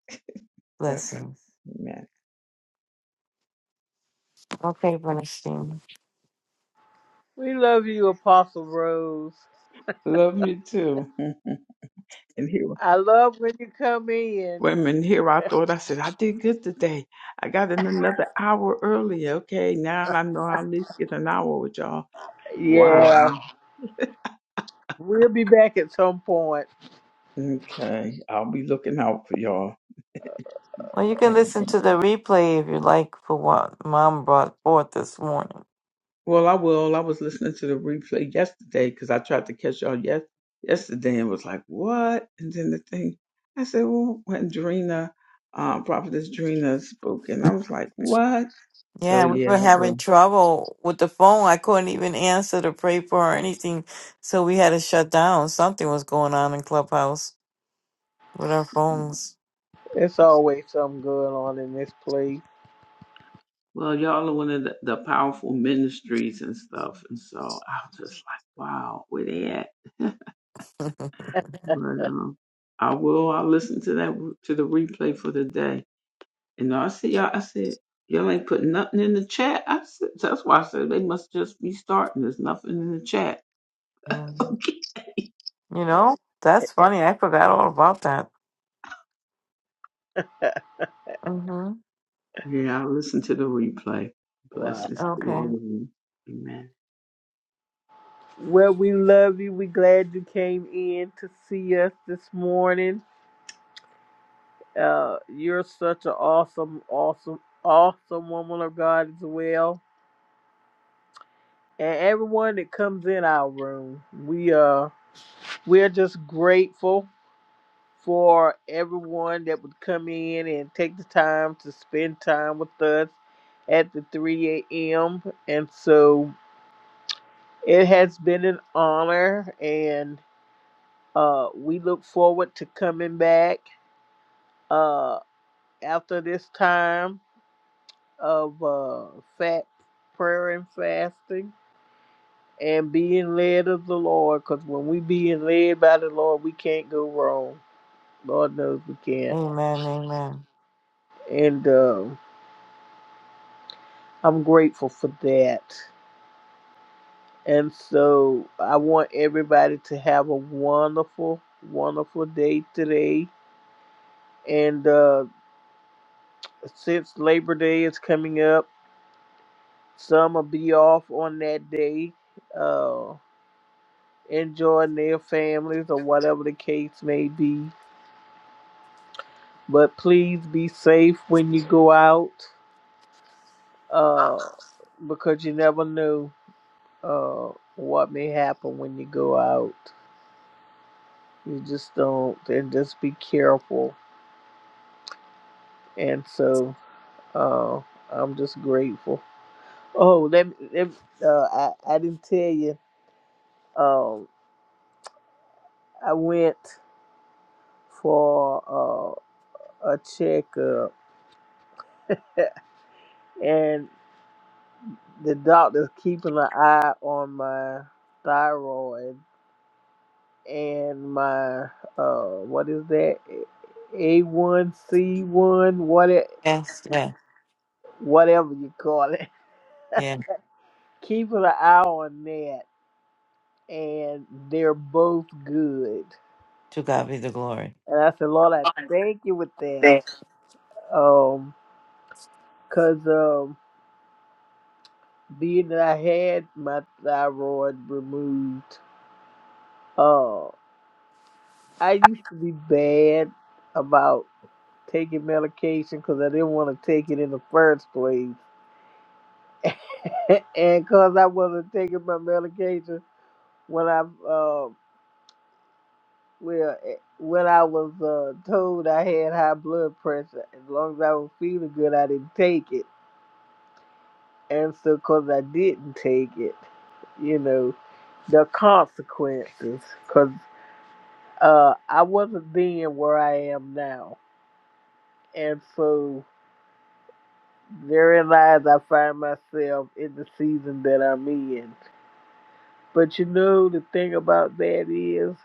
G: Blessings.
A: Blessings.
G: Amen.
A: Okay, Bernstein.
C: We love you, Apostle Rose.
G: Love you too. and here
C: I love when you come in.
G: Women, here I thought I said I did good today. I got in another hour earlier. Okay, now I know I'll at least get an hour with y'all. Wow.
C: Yeah,
G: I'm-
C: we'll be back at some point.
G: Okay, I'll be looking out for y'all.
A: Well, you can listen
G: Amen.
A: to the replay if you like for what Mom brought forth this morning.
G: Well, I will. I was listening to the replay yesterday because I tried to catch y'all yes yesterday and was like, what? And then the thing, I said, well, when Drina, uh, Prophetess Drina spoke, and I was like, what? So
A: Yeah, we were
G: yeah,
A: having trouble with the phone. I couldn't even answer to pray for or anything, so we had to shut down. Something was going on in Clubhouse with our phones.
C: It's always something going on in this place.
G: Well, y'all are one of the, the powerful ministries and stuff. And so I was just like, wow, where they at? But um, I will. I'll listen to that to the replay for the day. And I see y'all. I said y'all ain't putting nothing in the chat. I said that's why I said they must just be starting. There's nothing in the chat.
A: Mhm.
G: Okay.
A: You know, that's funny. I forgot all about that. Mm-hmm.
G: Yeah, I'll listen to the replay.
C: Wow.
G: Blessings to all
A: Okay.
G: of you. Amen.
C: Well, we love you. We glad you came in to see us this morning. Uh, you're such an awesome, awesome, awesome woman of God as well. And everyone that comes in our room, we uh, we're just grateful for everyone that would come in and take the time to spend time with us at the 3 a.m. And so it has been an honor, and Uh, we look forward to coming back uh, after this time of uh, fat prayer and fasting and being led of the Lord. Because when we being led by the Lord, we can't go wrong. Lord knows we can't.
A: Amen. Amen.
C: And uh, I'm grateful for that. And so I want everybody to have a wonderful, wonderful day today. And uh, since Labor Day is coming up, Some will be off on that day, uh, enjoying their families or whatever the case may be. But please be safe when you go out, uh, because you never know uh, what may happen when you go out. You just don't, and just be careful. And so uh, I'm just grateful. Oh, let me. Let me uh, I I didn't tell you. Um, I went for. uh, a checkup, and the doctor's keeping an eye on my thyroid and my uh what is that A one C one what it
A: Yes. Yeah.
C: whatever you call it,
A: Yeah.
C: keeping an eye on that, and they're both good.
A: To God be the glory.
C: And I said, Lord, I thank you with that, um, cause um, being that I had my thyroid removed. um, I used to be bad about taking medication because I didn't want to take it in the first place, and because I wasn't taking my medication when I uh, well eh, when I was uh, told I had high blood pressure. As long as I was feeling good, I didn't take it, and so because I didn't take it, you know, the consequences. Because uh, I wasn't then where I am now, and so. There lies I find myself in the season that I'm in. But you know, the thing about that is,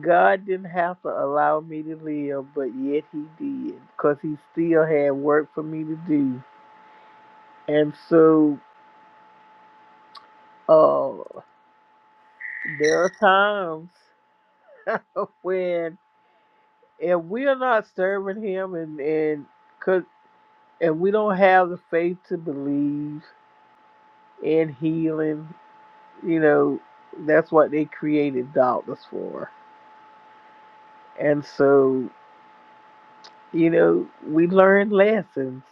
C: God didn't have to allow me to live, but yet He did, because He still had work for me to do. And so, uh, there are times when if we are not serving Him and and 'cause- and we don't have the faith to believe in healing You know, that's what they created doctors for. And so, you know, we learned lessons.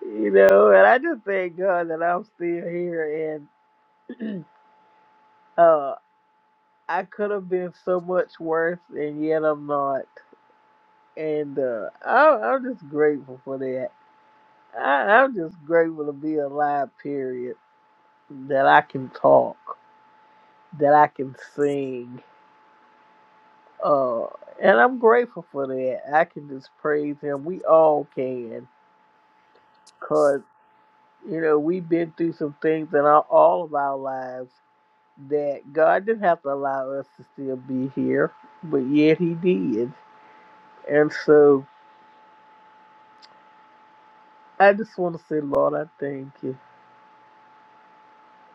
C: You know, and I just thank God that I'm still here and uh I could have been so much worse and yet I'm not. And uh I I'm just grateful for that. I, I'm just grateful to be alive, period. That I can talk, that I can sing, Uh, and I'm grateful for that. I can just praise him. We all can, cause you know we've been through some things in our, all of our lives that God didn't have to allow us to still be here, but yet He did. And so I just want to say, Lord, I thank you.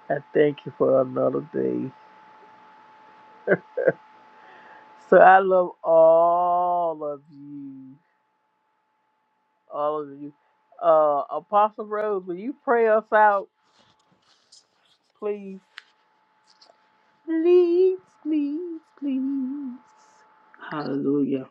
C: I thank you for another day. So I love all of you, all of you. Uh, Apostle Rose, will you pray us out, please? Please, please, please.
G: Hallelujah.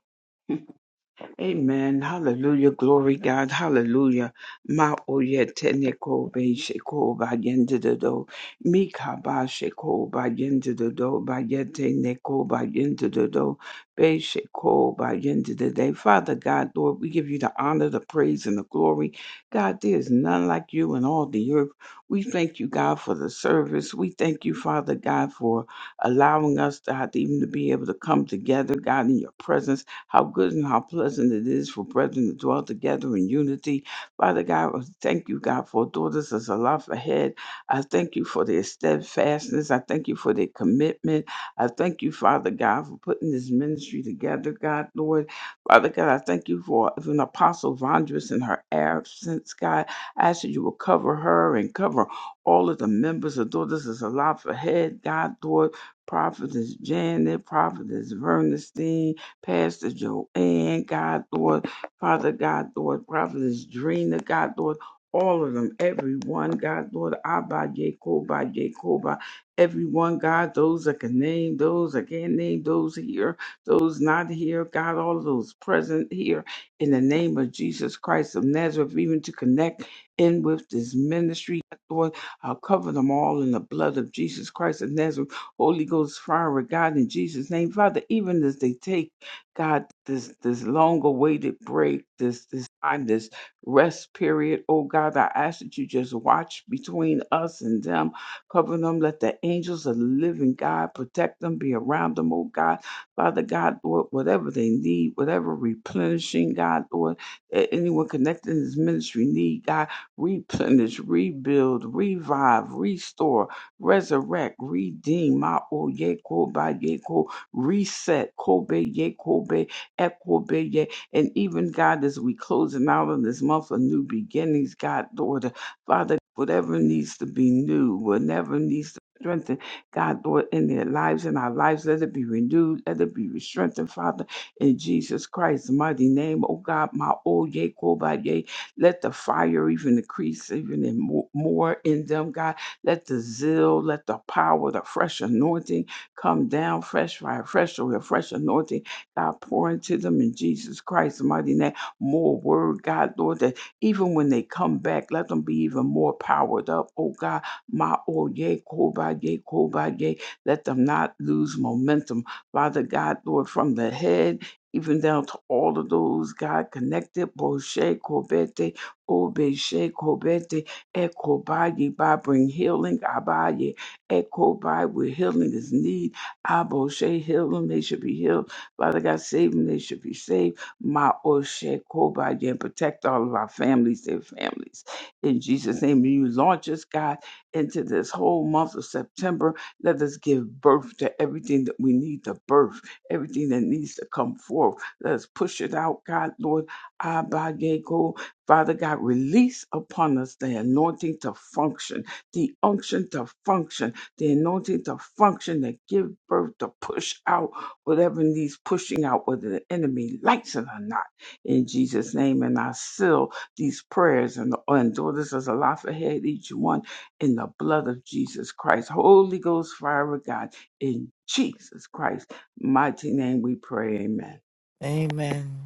G: Amen. Hallelujah. Glory God. Hallelujah. Ma oyetene ko be sheko ba yende de do. Mika ba sheko ba yende de do. Ba yete ne ko ba yende de do. Be sheko ba yende de day. Father God, Lord, we give you the honor, the praise, and the glory. God, there is none like you in all the earth. We thank you, God, for the service. We thank you, Father God, for allowing us, God, to even to be able to come together, God, in your presence how good and how pleasant it is for brethren to dwell together in unity. Father God, I thank you, God, for daughters as a life ahead. I thank you for their steadfastness. I thank you for their commitment. I thank you, Father God, for putting this ministry together, God, Lord. Father God, I thank you for even Apostle Vondress in her absence, God. I ask that you will cover her and cover all of the members of Daughters is Alive Ahead, God, Lord, Prophetess Janet, Prophetess Vernestine, Pastor Joanne, God, Lord, Father, God, Lord, Prophetess Drina, God, Lord, all of them, everyone, God, Lord, Abba, Jacoba, Jacoba, everyone, God, those that can name, those that can't name, those here, those not here, God, all of those present here, in the name of Jesus Christ of Nazareth, even to connect in with this ministry, Lord, I'll cover them all in the blood of Jesus Christ of Nazareth, Holy Ghost, fire, God, in Jesus' name, Father, even as they take God, this this long awaited break, this this time, this rest period. Oh God, I ask that you just watch between us and them, cover them, let the angels of the living God protect them, be around them, oh God. Father God, Lord, whatever they need, whatever replenishing, God, Lord, a- anyone connected in this ministry need, God, replenish, rebuild, revive, restore, resurrect, redeem. My oh yeah, reset, Kobe, ye, Kobe, Ekobe, ye. And even God, as we closing out on this month of new beginnings, God, daughter, Father, whatever needs to be new, whatever needs to be strengthened, God, Lord, in their lives, in our lives, let it be renewed, let it be strengthened, Father, in Jesus Christ's mighty name, oh God, my oh, ye, Kobe, ye. Let the fire even increase even in more, more in them, God. Let the zeal, let the power, the fresh anointing Come down fresh fire, fresh oil, fresh anointing. God, pour into them in Jesus Christ's mighty name. More word, God, Lord, that even when they come back, let them be even more powered up. Oh God, my oh yea, koba yea, koba yea. Let them not lose momentum. Father God, Lord, from the head. Even down to all of those, God connected, Boshe, Kobete, Obeshe, Kobete, Ekobaye, by bring healing, Abaye. Echo by where healing is need. Aboshe, heal them, they should be healed. Father God, save them, they should be saved. Ma Oshe Kobai, and protect all of our families, their families. In Jesus' name, you launch us, God, into this whole month of September. Let us give birth to everything that we need to birth, everything that needs to come forth. Let us push it out, God, Lord. Abaye Ko. Father God, release upon us the anointing to function, the unction to function the anointing to function, to give birth, to push out whatever needs pushing out, whether the enemy likes it or not. In Jesus' name, and I seal these prayers and, and daughters as a life ahead, each one in the blood of Jesus Christ. Holy Ghost, fire of God, in Jesus Christ, mighty name we pray, amen.
A: Amen.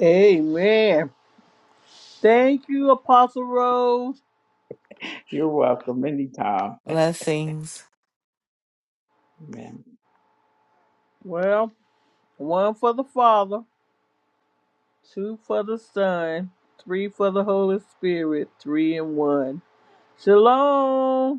C: Amen. Thank you, Apostle Rose.
G: You're welcome anytime.
A: Blessings.
G: Amen.
C: Well, one for the Father, two for the Son, three for the Holy Spirit, three and one. Shalom.